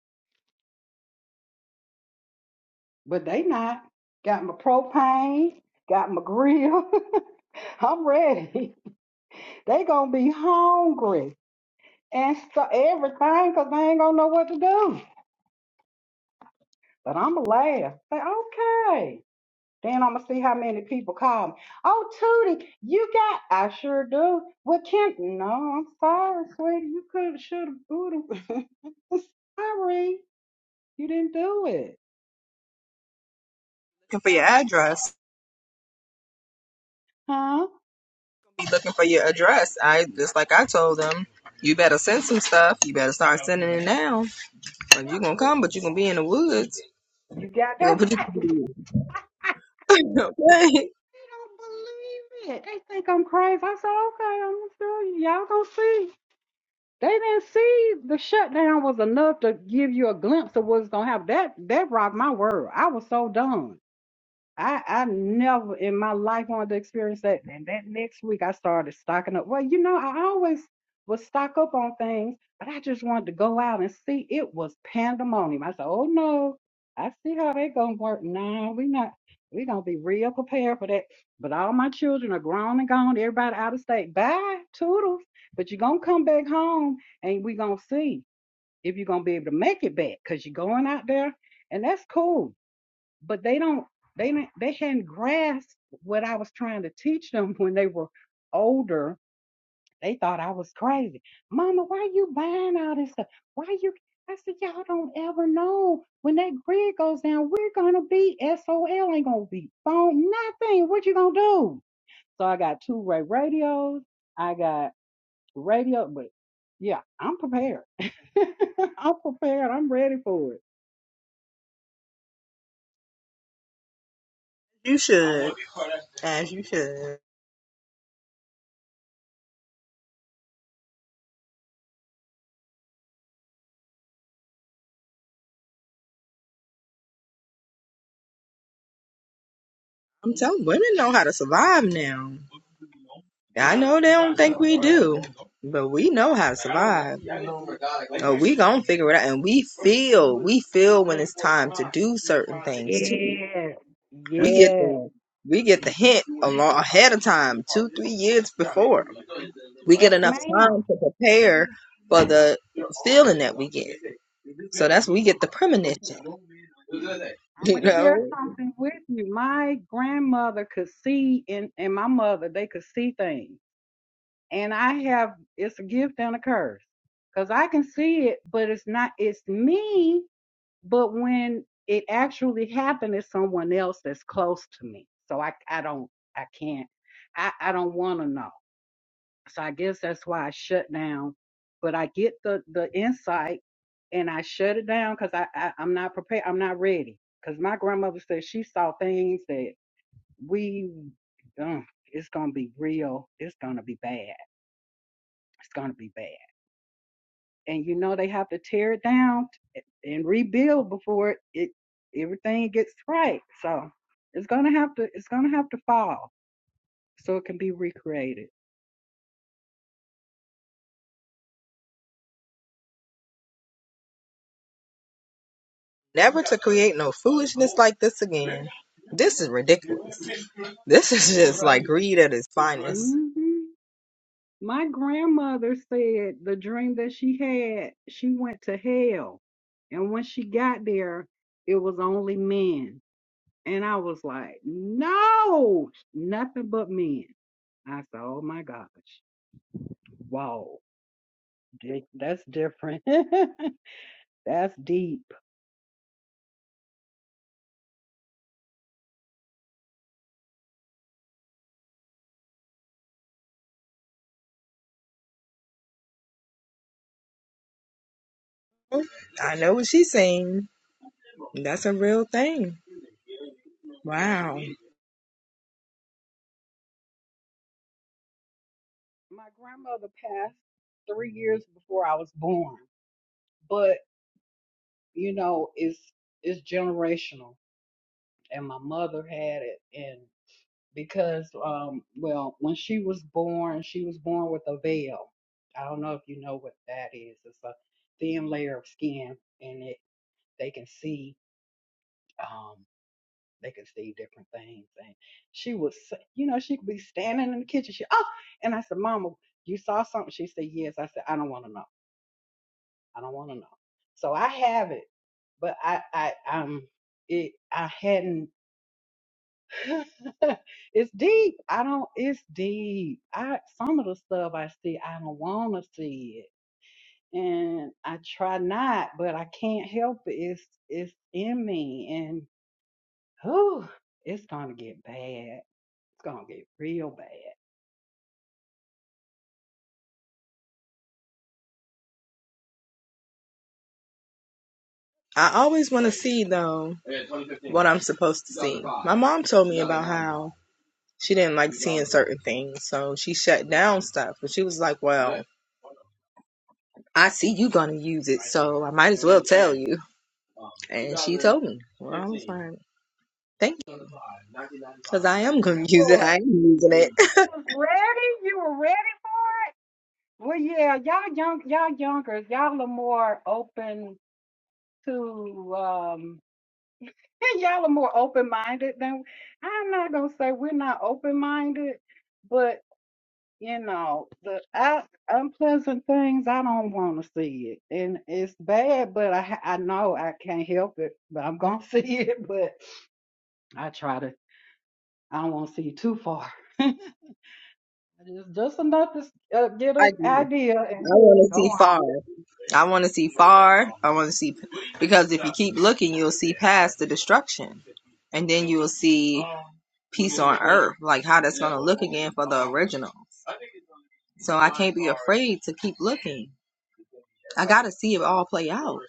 Speaker 3: But they not. Got my propane, got my grill. I'm ready. They gonna be hungry and st- everything because they ain't gonna know what to do. But I'm gonna laugh. Say, okay. Then I'm gonna see how many people call me. Oh, Tootie, you got? I sure do. Well, Kim, no, I'm sorry, sweetie. You could, should have, would have. sorry, you didn't do it,
Speaker 1: Looking for your address.
Speaker 3: huh?
Speaker 1: be looking for your address. I just like I told them, you better send some stuff. You better start sending it now. Like you gonna come, but you gonna be in the woods.
Speaker 3: You got that
Speaker 1: we gonna put you. in
Speaker 3: right.
Speaker 1: the woods. okay.
Speaker 3: They don't believe it. They think I'm crazy. I said, okay, I'm gonna show you. Y'all gonna see. They didn't see the shutdown was enough to give you a glimpse of what's gonna happen. That that rocked my world. I was so done. I I never in my life wanted to experience that. And that next week I started stocking up. Well, you know, I always would stock up on things, but I just wanted to go out and see. It was pandemonium. I said, Oh no, I see how they gonna work. Nah, we not we gonna be real prepared for that. But all my children are grown and gone, everybody out of state. Bye, toodles. But you're gonna come back home and we gonna see if you're gonna be able to make it back because you're going out there and that's cool but they don't they didn't they hadn't grasped what I was trying to teach them when they were older. They thought I was crazy. Mama, why you buying all this stuff? Why you I said, Y'all don't ever know. When that grid goes down, we're gonna be SOL, ain't gonna be phone, nothing. What you gonna do? So I got two ray radios, I got radio, but yeah, I'm prepared. I'm prepared, I'm ready for it.
Speaker 1: You should, as you should. I'm telling women know how to survive now. Yeah, I know they don't think we do, but we know how to survive. Oh, we gonna figure it out, and we feel, we feel when it's time to do certain things too.
Speaker 3: Yeah,
Speaker 1: We get
Speaker 3: yeah.
Speaker 1: the we get the hint a long ahead of time, two three years before. We
Speaker 3: Yes,
Speaker 1: get enough
Speaker 3: ma'am.
Speaker 1: time to prepare for the feeling that we get. So that's we get the premonition.
Speaker 3: I'm
Speaker 1: You
Speaker 3: gonna share
Speaker 1: know,
Speaker 3: something with you. My grandmother could see, and and my mother they could see things. And I have it's a gift and a curse because I can see it, but it's not it's me. But when it actually happened, it's someone else that's close to me. So I I don't I can't I I don't want to know. So I guess that's why I shut down. But I get the the insight and I shut it down because I, I I'm not prepared. I'm not ready. Because my grandmother said she saw things that we, uh, it's gonna be real. It's gonna be bad. It's gonna be bad. And you know they have to tear it down t- and rebuild before it, it everything gets right. So it's gonna have to it's gonna have to fall so it can be recreated.
Speaker 1: never to create no foolishness like this again. This is ridiculous. This is just like greed at its finest.
Speaker 3: Mm-hmm. My grandmother said the dream that she had, she went to hell. And when she got there, it was only men. And I was like, no, nothing but men. I said, oh my gosh. Wow, di- that's different. that's deep.
Speaker 1: I know what she's saying. That's a real thing. Wow.
Speaker 3: My grandmother passed three years before I was born. But, you know, it's it's generational. And my mother had it and. because um well when she was born she was born with a veil i don't know if you know what that is it's a thin layer of skin and it they can see um they can see different things and she was you know she could be standing in the kitchen she oh and i said mama you saw something she said yes i said i don't want to know i don't want to know so i have it but i i um it i hadn't it's deep. I don't. It's deep. I some of the stuff I see, I don't want to see it, and I try not, but I can't help it. It's it's in me, and whew, it's gonna get bad. It's gonna get real bad.
Speaker 1: I always want to see though what I'm supposed to see. My mom told me about how she didn't like seeing certain things, so she shut down stuff. But she was like, "Well, I see you gonna use it, so I might as well tell you." And she told me. Well, I was like, "Thank you," because I am gonna use it.
Speaker 3: Lord,
Speaker 1: I am using it.
Speaker 3: you was ready. You were ready for it. Well, yeah, y'all young, y'all younger, y'all are more open to. um And y'all are more open minded than I'm not gonna say we're not open minded, but you know, the I, unpleasant things I don't want to see it, and it's bad. But I ha- I know I can't help it, but I'm gonna see it. But I try to. I don't want to see it too far. just just enough to s- uh, get
Speaker 1: I
Speaker 3: an
Speaker 1: do.
Speaker 3: idea and
Speaker 1: I want to
Speaker 3: go
Speaker 1: see
Speaker 3: on.
Speaker 1: far. I want to see far. I want to see because if you keep looking, you'll see past the destruction, and then you will see peace on earth, like how that's gonna look again for the original. So I can't be afraid to keep looking. I gotta see it all play out.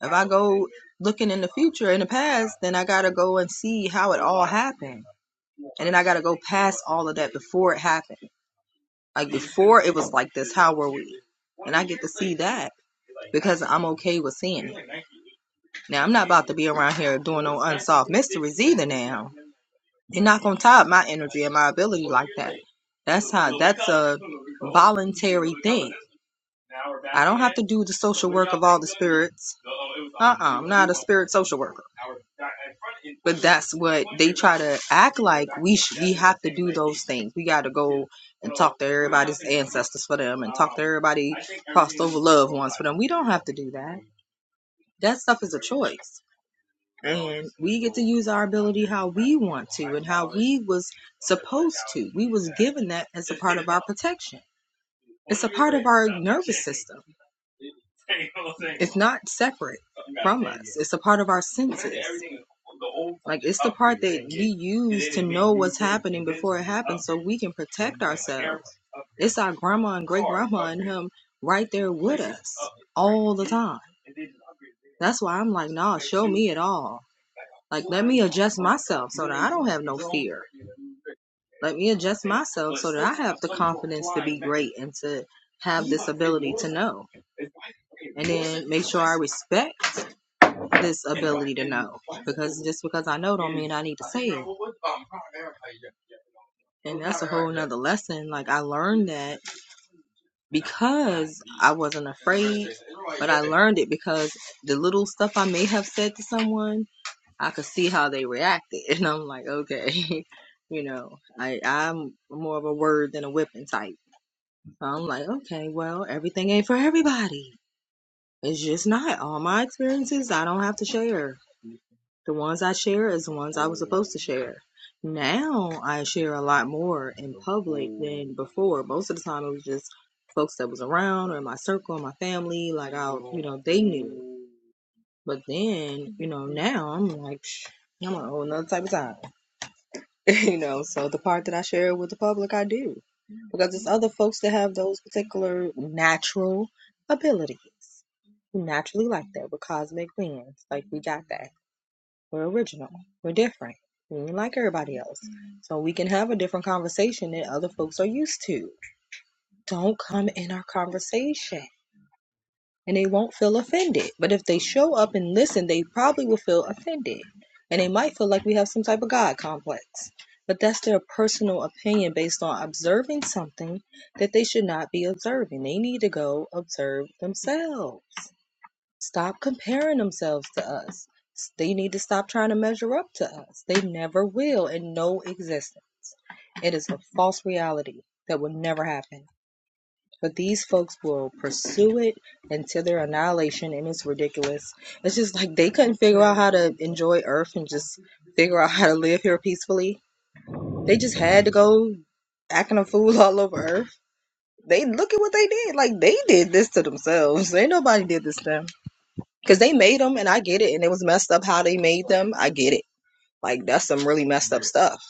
Speaker 1: If I go looking in the future, in the past, then I gotta go and see how it all happened. And then I gotta go past all of that before it happened. Like before it was like this, how were we that? Because I'm okay with seeing. Now I'm not about to be around here doing no unsolved mysteries either now. They're not gonna top my energy and my ability like that. That's how voluntary to do the social spirits spirit social worker. But that's what try to act things. We gotta go out there, justice for them everybody No, we don't have to do that. That stuff is a choice. And we get to use our ability how we want to and how we was to. We was given that as protection. So it's not separate. It's a part of our sin. Like it's used use for it happens so we can protect. It's our grandma and grandma right there with us. That's why I'm like, no, me at all here. Let me adjust rate and to have know. So I respect this ability to know because just because I know don't mean I need to say it. And that's a whole nother lesson. Like I learned that because I wasn't afraid, but I learned it because the little stuff I may have said to someone, I could see how they reacted, and I'm like, okay, you know, I I'm more of a word than a whipping type. So I'm like, okay, well, everything ain't for everybody. It's just not all my experiences. I don't have to share. The ones I share is the ones I was supposed to share. Now I share a lot more in public than before. Most of the time it was just folks that was around or in my circle, my family, like I, you know, they knew. But then, you know, now I'm like, I'm on a whole nother type of time, you know. So the part that I share with the public, I do because there's other folks that have those particular natural abilities who naturally like that. We're cosmic beings, like we got that we're original. We're different. We ain't like everybody else. So we can have a different conversation that other folks are used to. Don't come in our conversation and they won't feel offended. But if they show up and listen, they probably will feel offended. And they might feel like we have some type of God complex. But that's their personal opinion based on observing something that they should not be observing. They need to go observe themselves. Stop comparing themselves to us. They need to stop trying to measure up to us. They never will in no existence. It is a false reality that will never happen. But these folks will pursue it until their annihilation, and it's ridiculous. It's just like they couldn't figure out how to enjoy Earth and just figure out how to live here peacefully. They just had to go acting a fool all over Earth. They look at what they did. Like they did this to themselves. Ain't nobody did this to them because they made them and I get it and it was messed up how they made them. I get it. Like that's some really messed up stuff.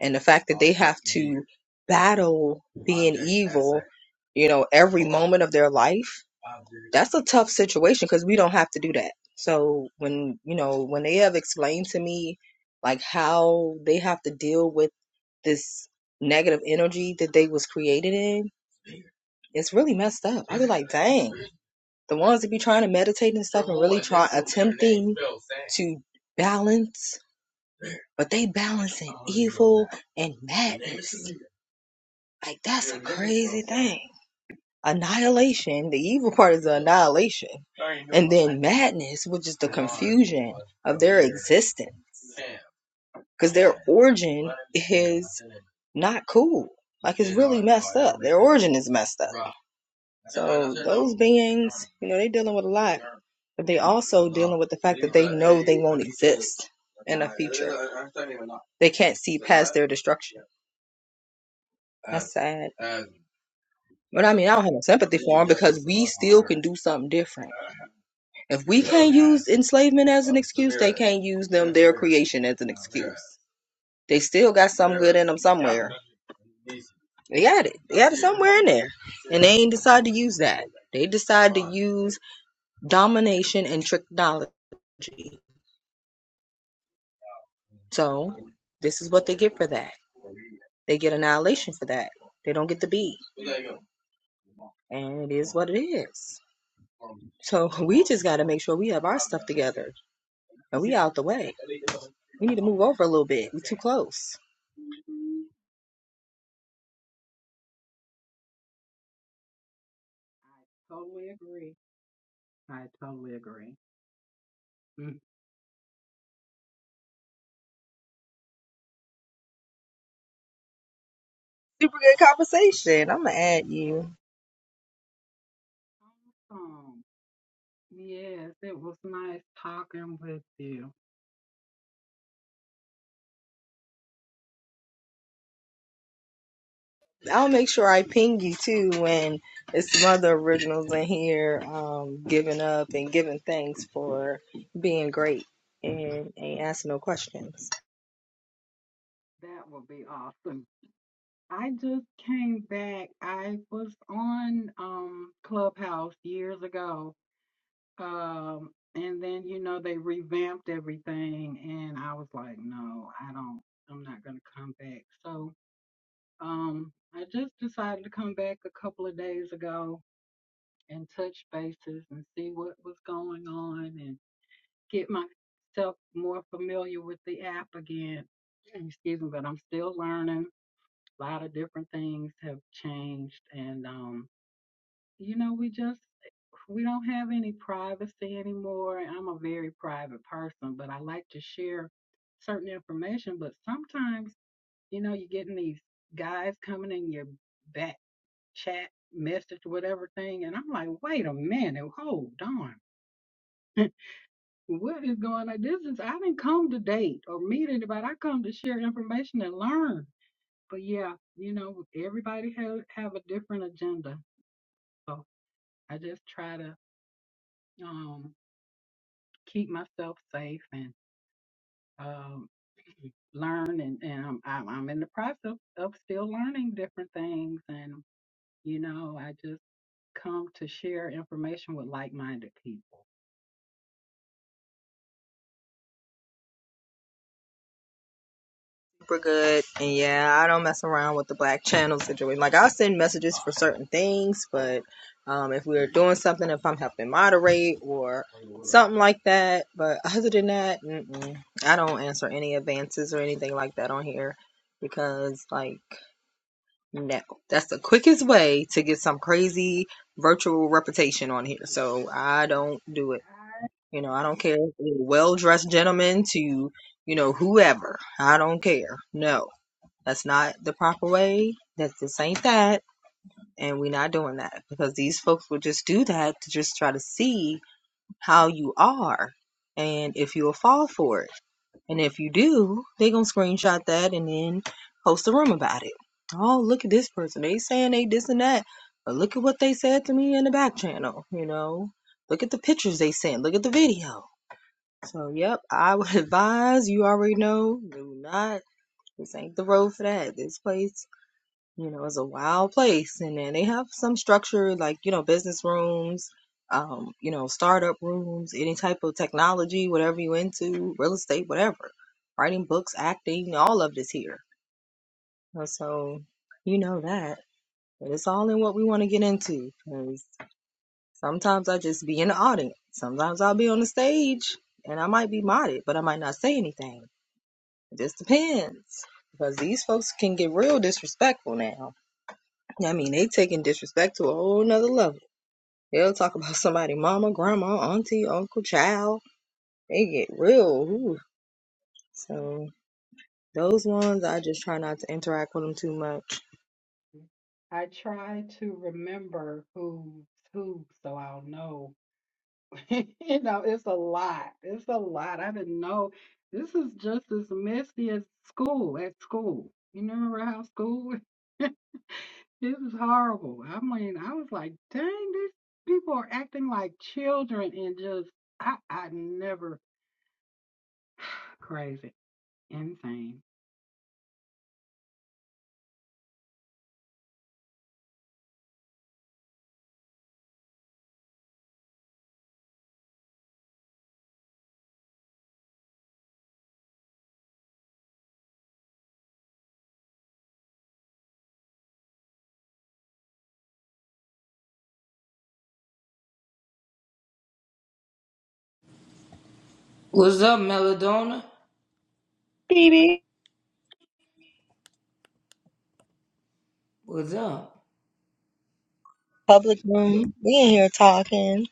Speaker 1: And the fact that they have to battle being evil, you know, every moment of their life, that's a tough situation because we don't have to do that. So when, you know, when they have explained to me like how they have to deal with this negative energy that they was created in, it's really messed up. i be like, dang. The ones that be trying to meditate and stuff and really try attempting to balance, but they balancing evil and madness. Like that's a crazy thing. Annihilation, the evil part is the annihilation. Then madness, which is the confusion of their existence. Because their origin is not cool. Like it's really messed up. Their origin is messed up. So those beings, you know, they're dealing with a lot, but they also dealing with the fact that they know they won't exist in the future. They can't see past their destruction. That's sad. But
Speaker 3: Yeah,
Speaker 1: I mean, I don't have
Speaker 3: yeah.
Speaker 1: no sympathy for them because we still can do something different. If we can't use enslavement as an excuse, they can't use them their creation as an excuse. They still got some good in them somewhere. They got it. They got it somewhere in there, and they ain't decide to use that. They decide to use domination and technology. So this is what they get for that. They get annihilation for that. They don't get the B. And it is what it is. So we just got to make sure we have our stuff together and we out the way. We need to move over a little bit. we are too close.
Speaker 3: I totally agree. I totally agree. Mm.
Speaker 1: Super good conversation. I'm gonna add you.
Speaker 3: Yes, it was nice talking with you.
Speaker 1: I'll make sure I ping you too when it's some other originals in here um, giving up and giving thanks for being great and ain't asking no questions.
Speaker 3: That would be awesome. I just came back. I was on um Clubhouse years ago. Um and then you know they revamped everything and I was like, no, I don't I'm not going to come back. So, um I just decided to come back a couple of days ago and touch bases and see what was going on and. get myself more familiar with the app again. Excuse me, but I'm still learning. A lot of different things have changed, and um, you know, we just we don't have any privacy anymore. I'm a very private person, but I like to share certain information. But sometimes, you know, you're getting these guys coming in your back chat message, whatever thing, and I'm like, wait a minute, hold on What is going on? This is I didn't come to date or meet anybody. I come to share information and learn. But yeah, you know, everybody have have a different agenda. So I just try to um keep myself safe and um learn and, and I'm, I'm I'm in the process of still learning different things and you know I just come to share information with like-minded people.
Speaker 1: Super good. And yeah, I don't mess around with the black channel situation. Like I'll send messages for certain things, but um, if we're doing something, if I'm helping moderate or something like that. But other than that, mm-mm, I don't answer any advances or anything like that on here because like No, that's the quickest way to get some crazy virtual reputation on here. So I don't do it. You know, I don't care if you're a well dressed gentleman to, you know, whoever. I don't care. No, that's not the proper way. That this ain't that. And we're not doing that because these folks will just do that to just try to see how you are and if you'll fall for it. And if you do, they gonna screenshot that and then post a room about it. Oh, look at this person. They saying they this and that. But look at what they said to me in the back channel, you know. Look at the pictures they sent. Look at the video. So yep, I would advise you already know, do not this ain't the road for that. This place you know, it's a wild place. And then they have some structure like, you know, business rooms, um, you know, startup rooms, any type of technology, whatever you into, real estate, whatever. Writing books, acting, all of this here. And so you know that. But it's all in what we want to get into. Because sometimes I just be in the audience. Sometimes I'll be on the stage and I might be modded, but I might not say anything. It just depends. Because these folks can get real disrespectful now I mean, they taking disrespect to a whole nother level. They'll talk about somebody, mama, grandma, auntie, uncle, child. They get real. Ooh. So those ones, I just try not to interact with them too much.
Speaker 3: I try to remember who's who so I'll know you know, it's a lot. It's a lot. I didn't know this is just as messy as school at school. You remember how school this is horrible. I mean, I was like, dang, these people are acting like children and just I I never crazy. Insane.
Speaker 5: What's up, Melodona?
Speaker 1: Baby,
Speaker 5: What's up?
Speaker 1: Public room. We in here talking.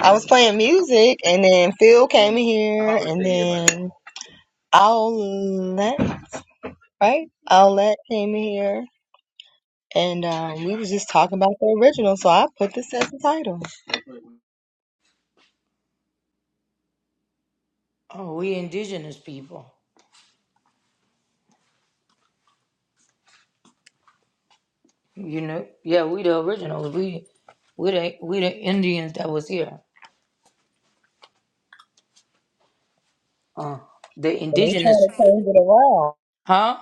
Speaker 1: I was playing music, and then Phil came in here, and then Owlette, right? Owlette came in here, and um, we was just talking about the original. So I put this as the title, and
Speaker 5: Oh, we indigenous people. You know, yeah, we the originals. We, we the we the Indians that was here. Uh, the
Speaker 1: they
Speaker 5: indigenous,
Speaker 1: trying to change it around.
Speaker 5: huh?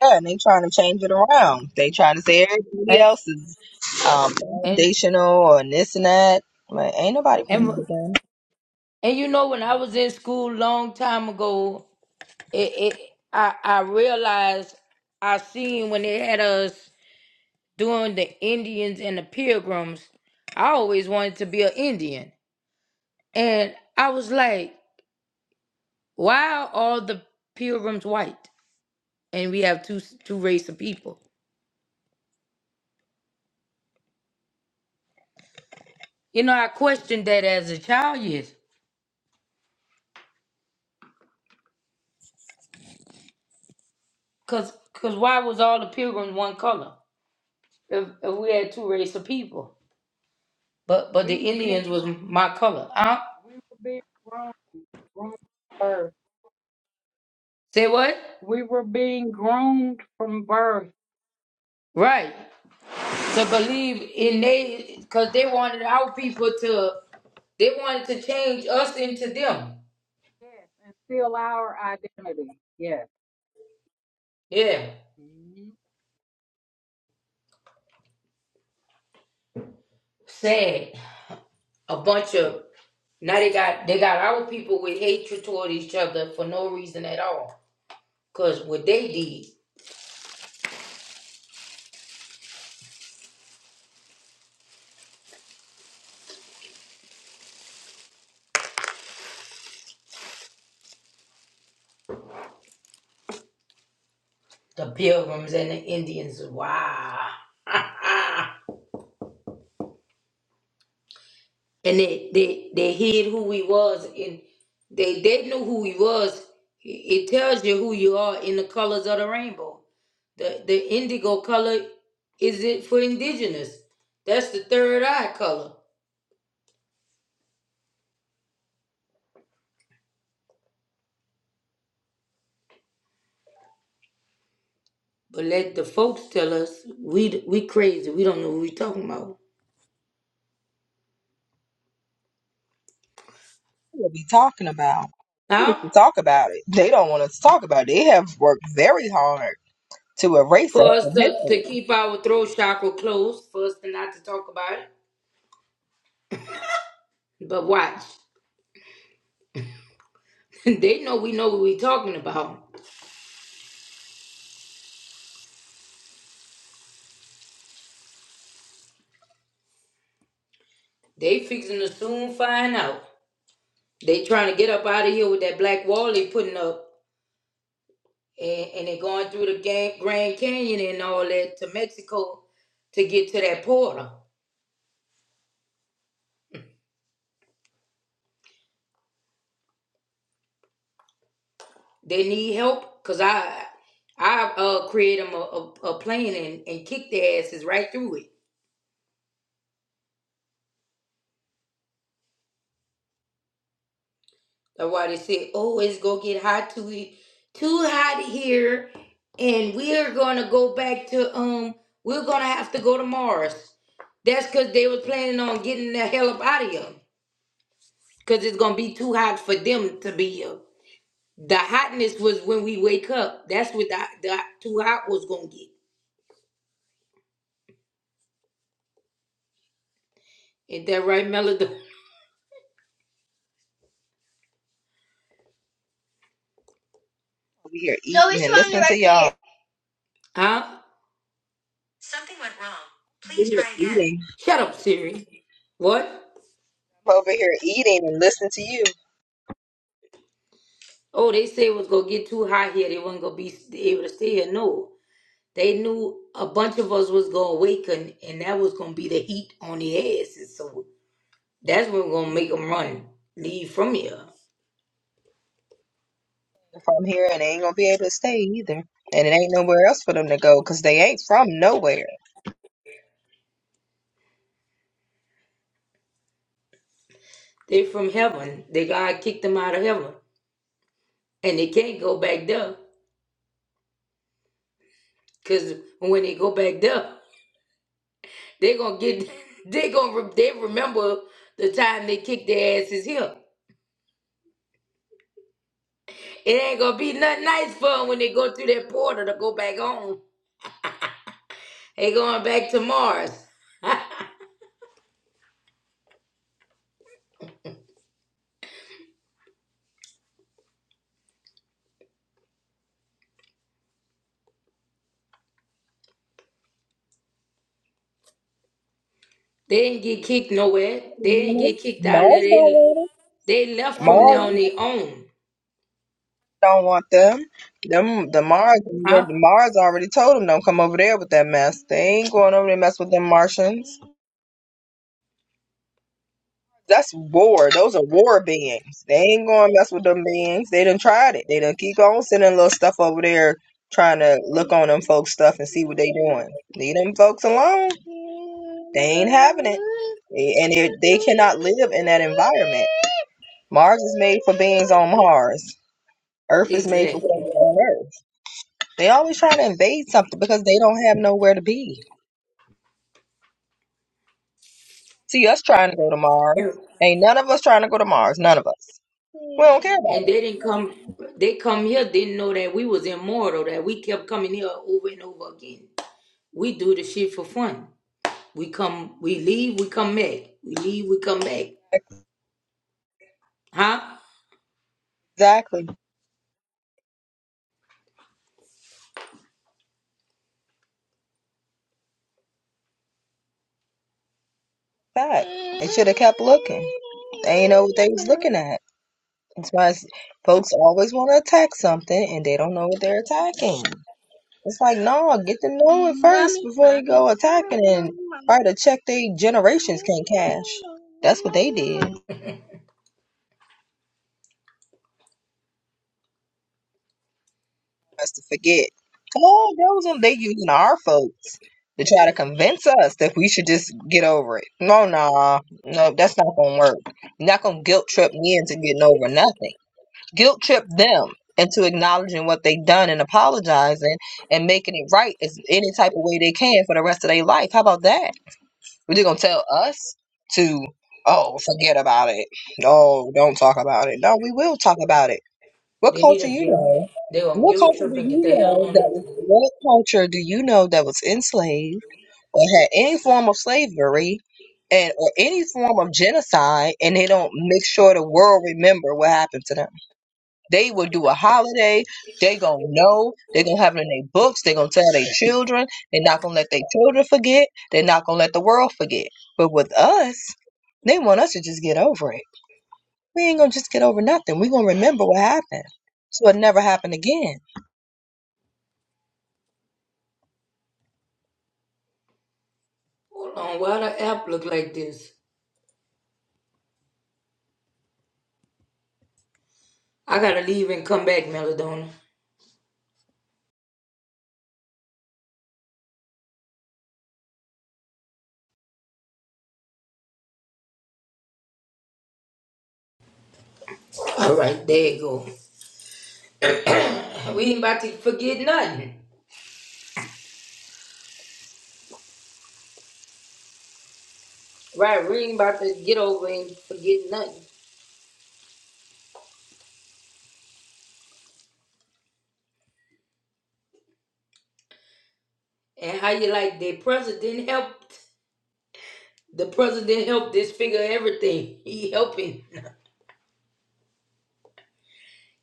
Speaker 1: Yeah, and they trying to change it around. They trying to say everybody
Speaker 5: And
Speaker 1: else is um,
Speaker 5: and
Speaker 1: foundational and this and that. Like, ain't nobody going
Speaker 5: and,
Speaker 1: to
Speaker 5: and you know, when I was in school long time ago, it, it I I realized I seen when they had us doing the Indians and the Pilgrims. I always wanted to be an Indian, and I was like. Why are all the pilgrims white and we have two two race of people? You know, I questioned that as a child, yes. Cause, Cause why was all the pilgrims one color if, if we had two race of people? But but the
Speaker 3: We were being
Speaker 5: Indians was my color. Huh?
Speaker 3: we were being grown grown from birth.
Speaker 5: Say what?
Speaker 3: We were being groomed from birth.
Speaker 5: Right. To believe in they cause they wanted our people to they wanted to change us into them.
Speaker 3: Yes, and still our identity. Yes.
Speaker 5: Yeah. Sad. A bunch of Now they got they got our people with hatred toward each other for no reason at all. Cause what they did, the pilgrims and the Indians, wow. and they, they they hid who we was and they they knew who we was. It tells you who you are in the colors of the rainbow. The the indigo color is it for indigenous. That's the third eye color. But let the folks tell us we we crazy. We don't know what we talking about.
Speaker 1: be talking about
Speaker 5: Huh?
Speaker 1: talk about it. They don't want us to talk about it. They have worked very hard to erase us
Speaker 5: for us
Speaker 1: from
Speaker 5: to,
Speaker 1: history.
Speaker 5: to keep our throat chakra closed, for us to not to talk about it. But watch, they know we know what we talking about. They fixing to soon find out. They trying to get up out of here with that black wall they putting up, and, and they going through the Ga- Grand Canyon and all that to Mexico to get to that portal. They need help, cause I I uh create them a, a, a plane and, and kick their asses right through it. That's why they say, oh, it's gonna get hot too he- too hot here, and we're gonna go back to um, we're gonna have to go to Mars. That's because they was planning on getting the hell up out of here, because it's gonna be too hot for them to be here. The hotness was when we wake up. That's what the, the too hot was gonna get. Ain't that right, Melody?
Speaker 1: Over here eating no, and listening to y'all.
Speaker 5: Huh?
Speaker 1: Over here Eating.
Speaker 5: Shut up, Siri. What?
Speaker 1: I'm over here eating and listening to you.
Speaker 5: Oh, they said it was gonna get too hot here. They wasn't gonna be able to stay here. No, They knew a bunch of us was gonna awaken, and that was gonna be the heat on the asses. So that's when we're gonna make them run, leave from here.
Speaker 1: If I'm here and they ain't gonna be able to stay either, and it ain't nowhere else for them to go because they ain't from nowhere.
Speaker 5: They from heaven. They God kicked them out of heaven, and they can't go back there. Cause when they go back there, they gonna get, they gonna re- they remember the time they kicked their asses here. It ain't gonna be nothing nice for them when they go through that portal to go back home. They going back to Mars. They didn't get kicked nowhere. They didn't
Speaker 1: Mhm.
Speaker 5: get kicked out of there.
Speaker 1: Mars don't
Speaker 5: They,
Speaker 1: want
Speaker 5: they left
Speaker 1: 'em.
Speaker 5: from there on
Speaker 1: Mars
Speaker 5: their own.
Speaker 1: don't want them. Them the Mars the
Speaker 5: Huh?
Speaker 1: Mars already told them don't come over there with that mess. They ain't going over there and mess with them Martians. That's war. Those are war beings. They ain't going to mess with them beings. They done tried it. They done keep on sending little stuff over there trying to look on them folks stuff and see what they doing. Leave them folks alone. They ain't having it. And they they cannot live in that environment. Mars is made for beings on Mars. Earth is made for folks
Speaker 5: Exactly.
Speaker 1: on Earth. They always trying to invade something because they don't have nowhere to be. See us trying to go to Mars.
Speaker 5: Yeah.
Speaker 1: Ain't none of us trying to go to Mars. None of us. We don't care about
Speaker 5: And they didn't come they come here, didn't know that we was immortal, that we kept coming here over and over again. We do the shit for fun. We come we leave, we come back. We leave, we come back.
Speaker 1: it.
Speaker 5: Huh?
Speaker 1: Exactly. That. They should have kept looking. They ain't know what they was looking at. That's why it's- folks always want to attack something and they don't know what they're attacking. It's like, no, get to know it first before you go attacking and try to check they generations can cash. That's what they did. us to forget. Oh, those are they using our folks to try to convince us that we should just get over it. No, nah, no, that's not gonna work. You're not gonna guilt trip me into getting over nothing. Guilt trip them into acknowledging what they done and apologizing and making it right as any type of way they can for the rest of their life. How about that? We're just gonna tell us to oh forget about it. No, don't talk about it. No, we will talk about it what
Speaker 5: They need
Speaker 1: culture
Speaker 5: a
Speaker 1: you
Speaker 5: guilt.
Speaker 1: know?
Speaker 5: They on
Speaker 1: What
Speaker 5: guilt
Speaker 1: culture
Speaker 5: trip
Speaker 1: do
Speaker 5: and get
Speaker 1: you
Speaker 5: the hell
Speaker 1: know that?
Speaker 5: on
Speaker 1: was, What culture do you know that was enslaved or had any form of slavery, and or any form of genocide, and they don't make sure the world remember what happened to them? They will do a holiday. They gonna know. They gonna have it in their books. They gonna tell their children. They're not gonna let their children forget. They're not gonna let the world forget. But with us, they want us to just get over it. We ain't gonna just get over nothing. We gonna remember what happened, so it never happened again.
Speaker 5: hold on, why the app look like this? I gotta leave and come back, Melodona. All right, there you go. We ain't about to forget nothing. Right, we ain't about to get over and forget nothing. And how you like the president helped the president helped this figure everything. He helping.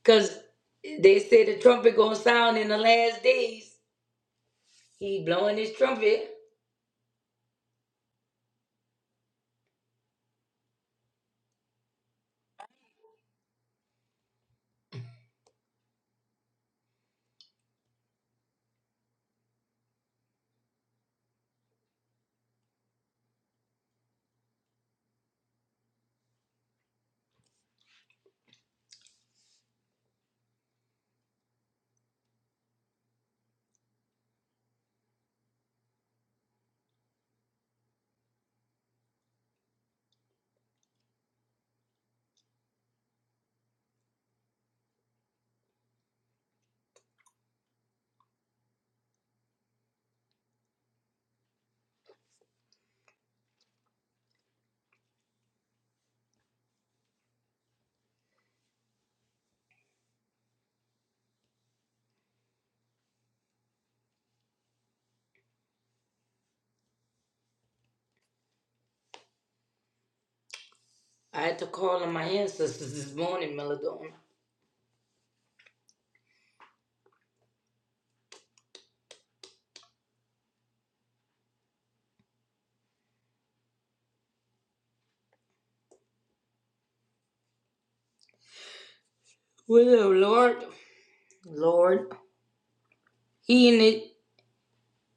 Speaker 5: Cause they said the trumpet gonna sound in the last days. He blowing his trumpet. I had to call on my ancestors this morning, Melodon. Well, Lord, Lord, he in it.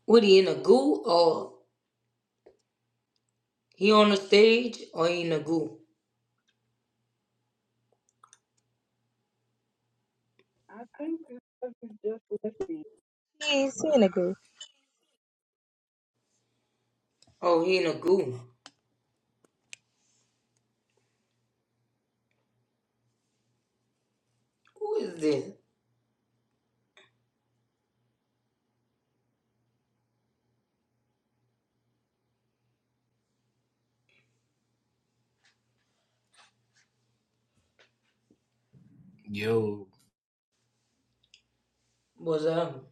Speaker 5: What he in a goo or he on the stage or he in a goo?
Speaker 3: I think this stuff is just left me.
Speaker 1: He seeing a group
Speaker 5: Oh, he in a goo. Who is this?
Speaker 6: Yo,
Speaker 5: What's up?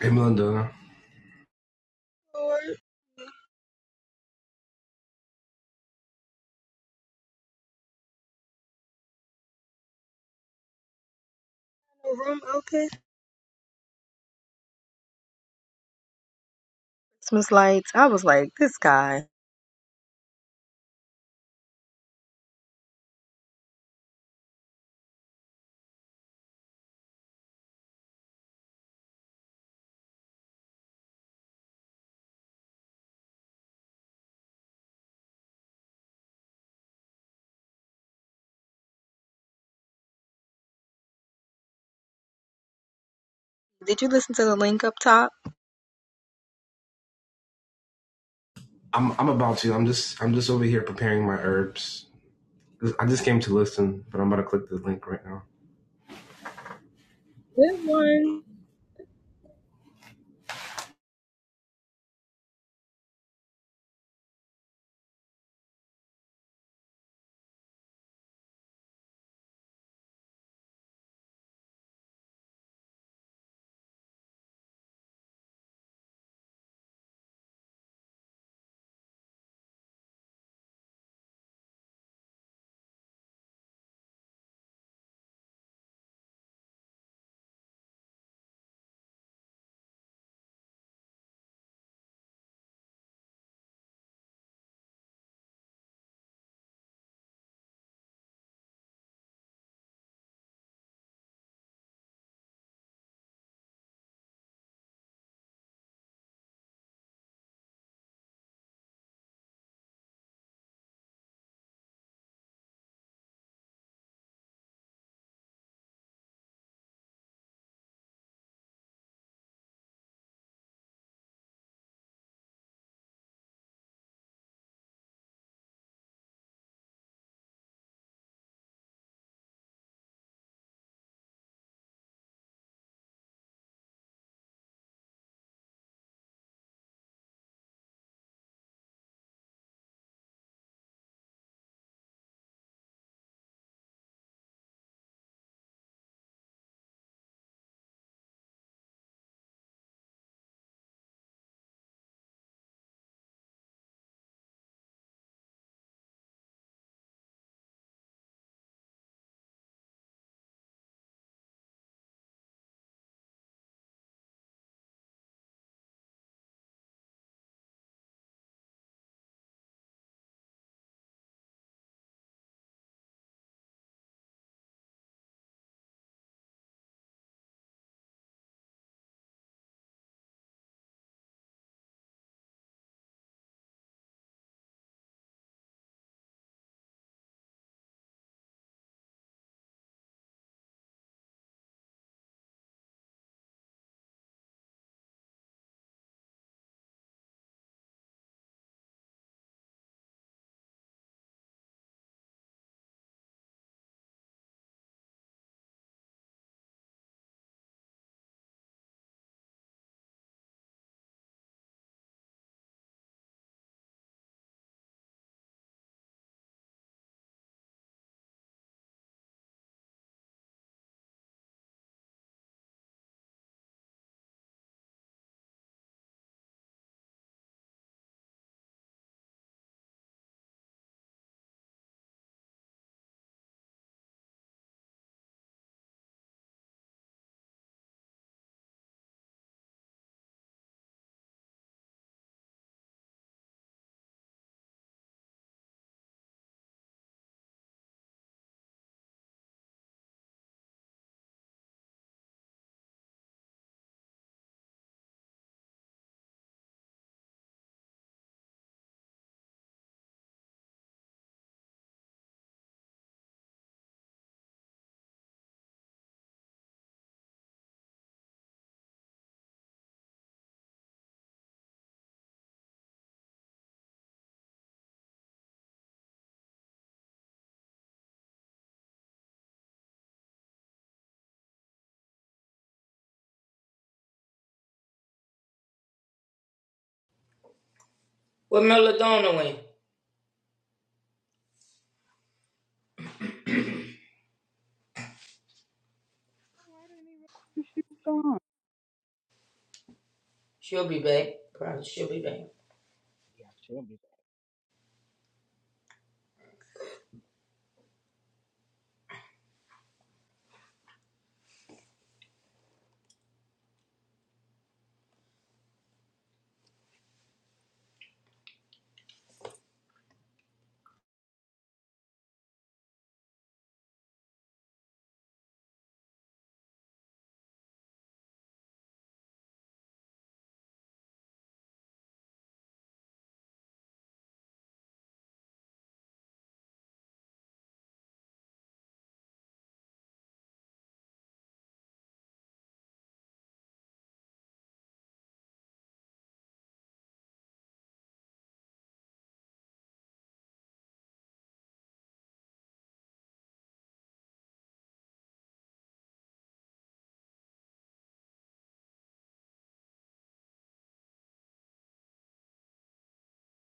Speaker 6: hey Melinda,
Speaker 1: or a room open. Christmas lights. I was like, this guy. Did you listen to the link up top?
Speaker 6: I'm I'm about to. I'm just I'm just over here preparing my herbs. I just came to listen, but I'm about to click the link right now.
Speaker 5: Where Melodonna went?
Speaker 3: Oh, I didn't even know she was gone.
Speaker 5: She'll be back. Probably she'll be back.
Speaker 3: Yeah, she